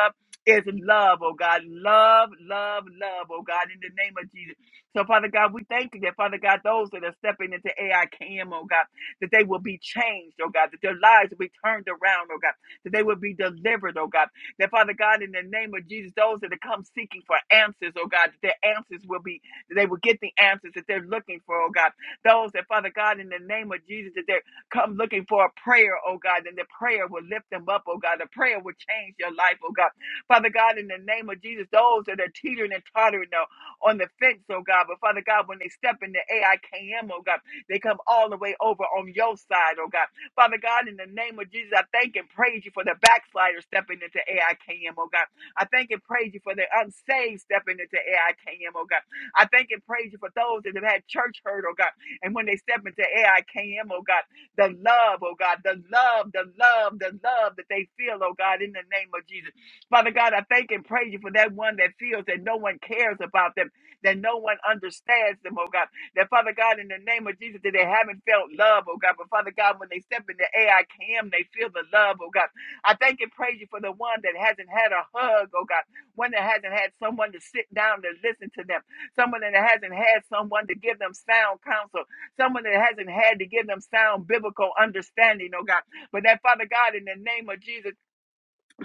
Speaker 4: there's love, oh God. Love, love, love, oh God, in the name of Jesus. So, Father God, we thank you that, Father God, those that are stepping into AIKM, oh God, that they will be changed, oh God, that their lives will be turned around, oh God, that they will be delivered, oh God. That, Father God, in the name of Jesus, those that have come seeking for answers, oh God, that their answers will be, that they will get the answers that they're looking for, oh God. Those that, Father God, in the name of Jesus, that they're come looking for a prayer, oh God, and the prayer will lift them up, oh God. The prayer will change your life, oh God. Father God, in the name of Jesus, those that are teetering and tottering uh, on the fence, oh God, but Father God, when they step into AIKM, oh God, they come all the way over on your side, oh God. Father God, in the name of Jesus, I thank and praise you for the backsliders stepping into AIKM, oh God. I thank and praise you for the unsaved stepping into AIKM, oh God. I thank and praise you for those that have had church hurt, oh God. And when they step into AIKM, oh God, the love, oh God, the love, the love, the love that they feel, oh God, in the name of Jesus. Father God, I thank and praise you for that one that feels that no one cares about them, that no one understands them, oh God. That Father God, in the name of Jesus, that they haven't felt love, oh God. But Father God, when they step in the AI cam, they feel the love, oh God. I thank and praise you for the one that hasn't had a hug, oh God. One that hasn't had someone to sit down to listen to them. Someone that hasn't had someone to give them sound counsel. Someone that hasn't had to give them sound biblical understanding, oh God. But that Father God, in the name of Jesus,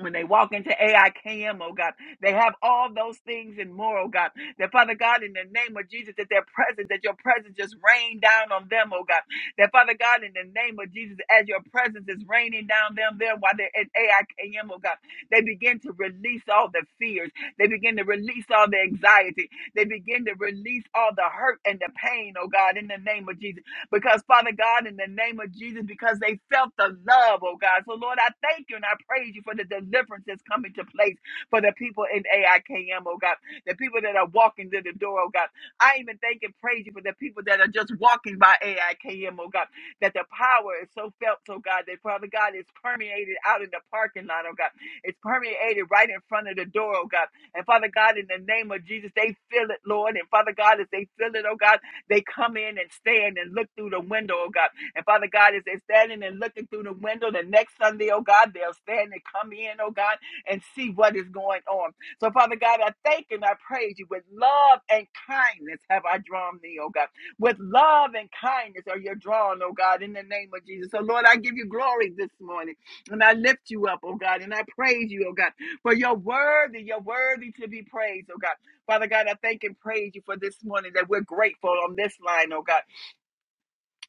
Speaker 4: when they walk into AIKM, oh God, they have all those things and more, oh God. That Father God, in the name of Jesus, that their presence, that your presence just rain down on them, oh God. That Father God, in the name of Jesus, as your presence is raining down them there while they're at AIKM, oh God, they begin to release all the fears. They begin to release all the anxiety. They begin to release all the hurt and the pain, oh God, in the name of Jesus because Father God, in the name of Jesus, because they felt the love, oh God. So Lord, I thank you and I praise you for the deliverance that's coming to place for the people in AIKM, oh God, the people that are walking to the door, oh God. I even thank and praise you for the people that are just walking by AIKM, oh God, that the power is so felt, oh God, that Father God is permeated out in the parking lot, oh God. It's permeated right in front of the door, oh God. And Father God, in the name of Jesus, they feel it, Lord. And Father God, as they feel it, oh God. They come in and stand and look through the window, oh God. And Father God, as they're standing and looking through the window the next Sunday, oh God, they'll stand and come in, oh God, and see what is going on. So, Father God, I thank and I praise you. With love and kindness have I drawn thee, oh God. With love and kindness are you drawn, oh God, in the name of Jesus. So, Lord, I give you glory this morning and I lift you up, oh God, and I praise you, oh God, for you're worthy, you're worthy to be praised, oh God. Father God, I thank and praise you for this morning that we're grateful on this line, oh God.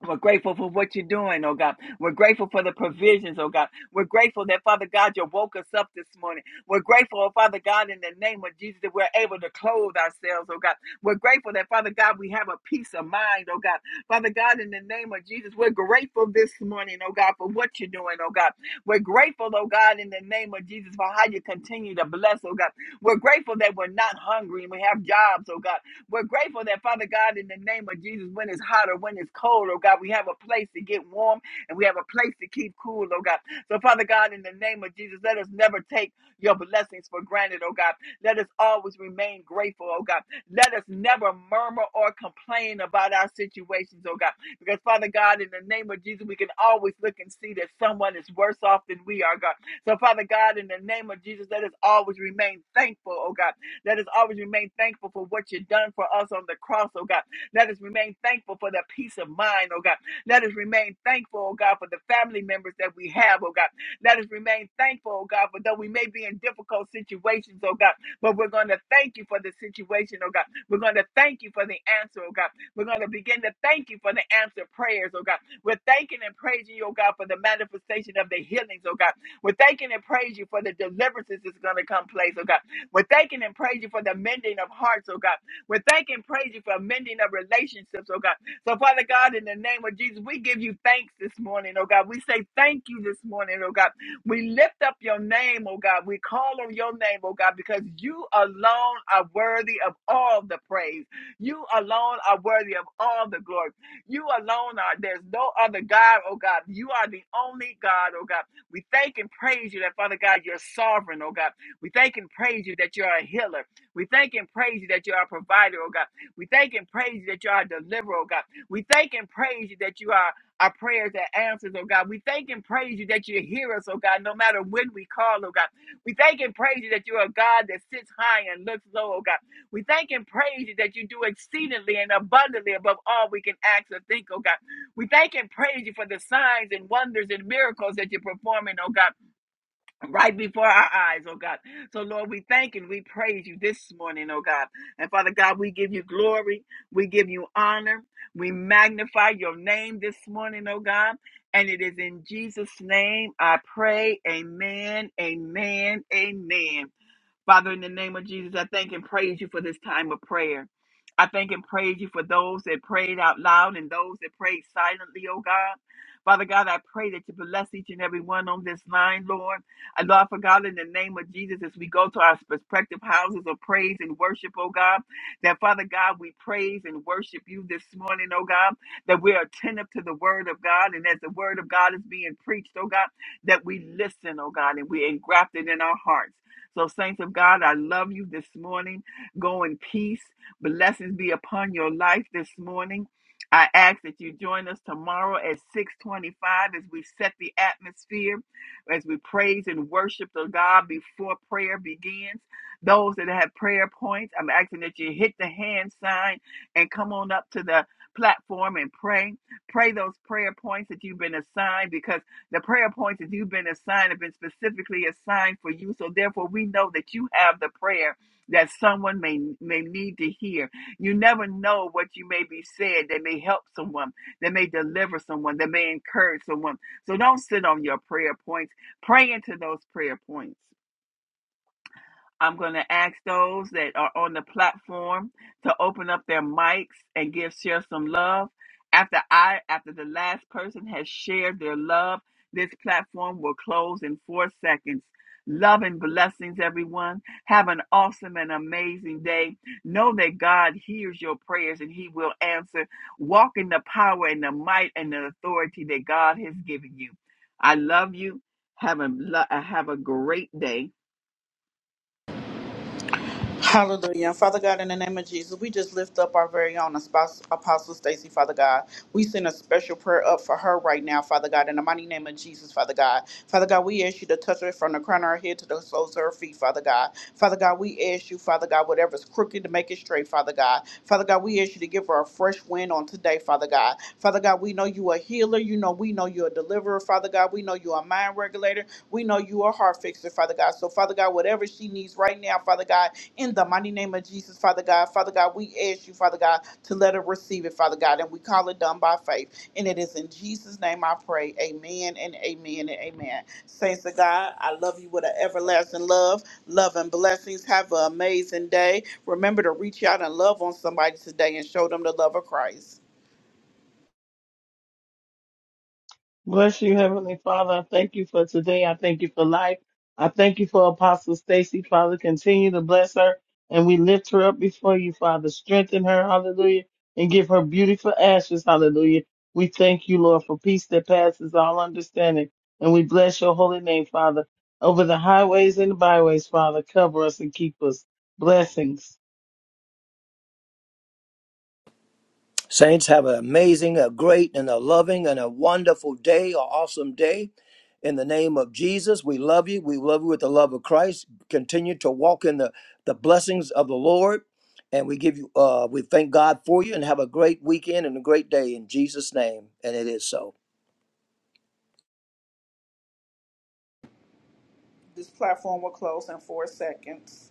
Speaker 4: We're grateful for what you're doing, oh God. We're grateful for the provisions, oh God. We're grateful that, Father God, you woke us up this morning. We're grateful, oh Father God, in the name of Jesus, that we're able to clothe ourselves, oh God. We're grateful that, Father God, we have a peace of mind, oh God. Father God, in the name of Jesus, we're grateful this morning, oh God, for what you're doing, oh God. We're grateful, oh God, in the name of Jesus, for how you continue to bless, oh God. We're grateful that we're not hungry and we have jobs, oh God. We're grateful that, Father God, in the name of Jesus, when it's hot or when it's cold, oh God, we have a place to get warm and we have a place to keep cool, oh God. So, Father God, in the name of Jesus, let us never take your blessings for granted, oh God. Let us always remain grateful, oh God. Let us never murmur or complain about our situations, oh God. Because, Father God, in the name of Jesus, we can always look and see that someone is worse off than we are, God. So, Father God, in the name of Jesus, let us always remain thankful, oh God let us always remain thankful for what you've done for us on the cross, oh God. Let us remain thankful for that peace of mind, oh God. Let us remain thankful, oh God, for the family members that we have, oh God. Let us remain thankful, oh God, for though we may be in difficult situations, oh God, but we're going to thank you for the situation, oh God. We're going to thank you for the answer, oh God. We're going to begin to thank you for the answer prayers, oh God. We're thanking and praising you, oh God, for the manifestation of the healings, oh God. We're thanking and praising you for the deliverances that's going to come place, oh God. We're thanking and praising for the mending of hearts, oh God. We're thanking and praising for mending of relationships, oh God. So, Father God, in the name of Jesus, we give you thanks this morning, oh God. We say thank you this morning, oh God. We lift up your name, oh God. We call on your name, oh God, because you alone are worthy of all the praise. You alone are worthy of all the glory. You alone are. There's no other God, oh God. You are the only God, oh God. We thank and praise you that, Father God, you're sovereign, oh God. We thank and praise you that you are a healer. We thank and praise you that you are a provider, oh God. We thank and praise you that you are a deliverer, oh God. We thank and praise you that you are our prayers that answers, oh God. We thank and praise you that you hear us, oh God, no matter when we call, oh God. We thank and praise you that you are a God that sits high and looks low, oh God. We thank and praise you that you do exceedingly and abundantly above all we can ask or think, oh God. We thank and praise you for the signs and wonders and miracles that you're performing, oh God right before our eyes, oh God. So, Lord, we thank and we praise you this morning, oh God. And Father God, we give you glory, we give you honor, we magnify your name this morning, oh God. And it is in Jesus' name I pray. Amen, amen, amen. Father, in the name of Jesus, I thank and praise you for this time of prayer. I thank and praise you for those that prayed out loud and those that prayed silently, oh God. Father God, I pray that you bless each and every one on this line, Lord. I love for God in the name of Jesus as we go to our respective houses of praise and worship, oh God. That Father God, we praise and worship you this morning, oh God. That we're attentive to the word of God and as the word of God is being preached, oh God, that we listen, oh God, and we're engrafted in our hearts. So, saints of God, I love you this morning. Go in peace. Blessings be upon your life this morning. I ask that you join us tomorrow at 625 as we set the atmosphere, as we praise and worship the God before prayer begins. Those that have prayer points, I'm asking that you hit the hand sign and come on up to the platform and pray. Pray those prayer points that you've been assigned because the prayer points that you've been assigned have been specifically assigned for you. So therefore, we know that you have the prayer that someone may may need to hear. You never know what you may be said that may help someone, that may deliver someone, that may encourage someone. So don't sit on your prayer points. Pray into those prayer points. I'm going to ask those that are on the platform to open up their mics and give share some love. After I after the last person has shared their love, this platform will close in 4 seconds. Love and blessings everyone. Have an awesome and amazing day. Know that God hears your prayers and he will answer. Walk in the power and the might and the authority that God has given you. I love you. Have a lo- uh, have a great day
Speaker 1: Hallelujah. Father God, in the name of Jesus, we just lift up our very own spouse, Apostle Stacy, Father God. We send a special prayer up for her right now, Father God, in the mighty name of Jesus, Father God. Father God, we ask you to touch her from the crown of her head to the soles of her feet, Father God. Father God, we ask you, Father God, whatever's crooked to make it straight, Father God. Father God, we ask you to give her a fresh wind on today, Father God. Father God, we know you a healer. You know, we know you're a deliverer, Father God. We know you're a mind regulator. We know you are heart fixer, Father God. So, Father God, whatever she needs right now, Father God, in the mighty name of Jesus, Father God, Father God, we ask you, Father God, to let her receive it, Father God, and we call it done by faith. And it is in Jesus' name I pray. Amen and amen and amen. Saints of God, I love you with an everlasting love, love and blessings. Have an amazing day. Remember to reach out and love on somebody today and show them the love of Christ.
Speaker 2: Bless you, Heavenly Father. I thank you for today. I thank you for life. I thank you for Apostle Stacy, Father. Continue to bless her and we lift her up before you, Father. Strengthen her, hallelujah, and give her beautiful ashes, hallelujah. We thank you, Lord, for peace that passes all understanding. And we bless your holy name, Father. Over the highways and the byways, Father, cover us and keep us. Blessings.
Speaker 3: Saints, have an amazing, a great, and a loving, and a wonderful day, an awesome day. In the name of Jesus, we love you. We love you with the love of Christ. Continue to walk in the, the blessings of the Lord. And we give you, uh, we thank God for you and have a great weekend and a great day in Jesus' name. And it is so.
Speaker 1: This platform will close in four seconds.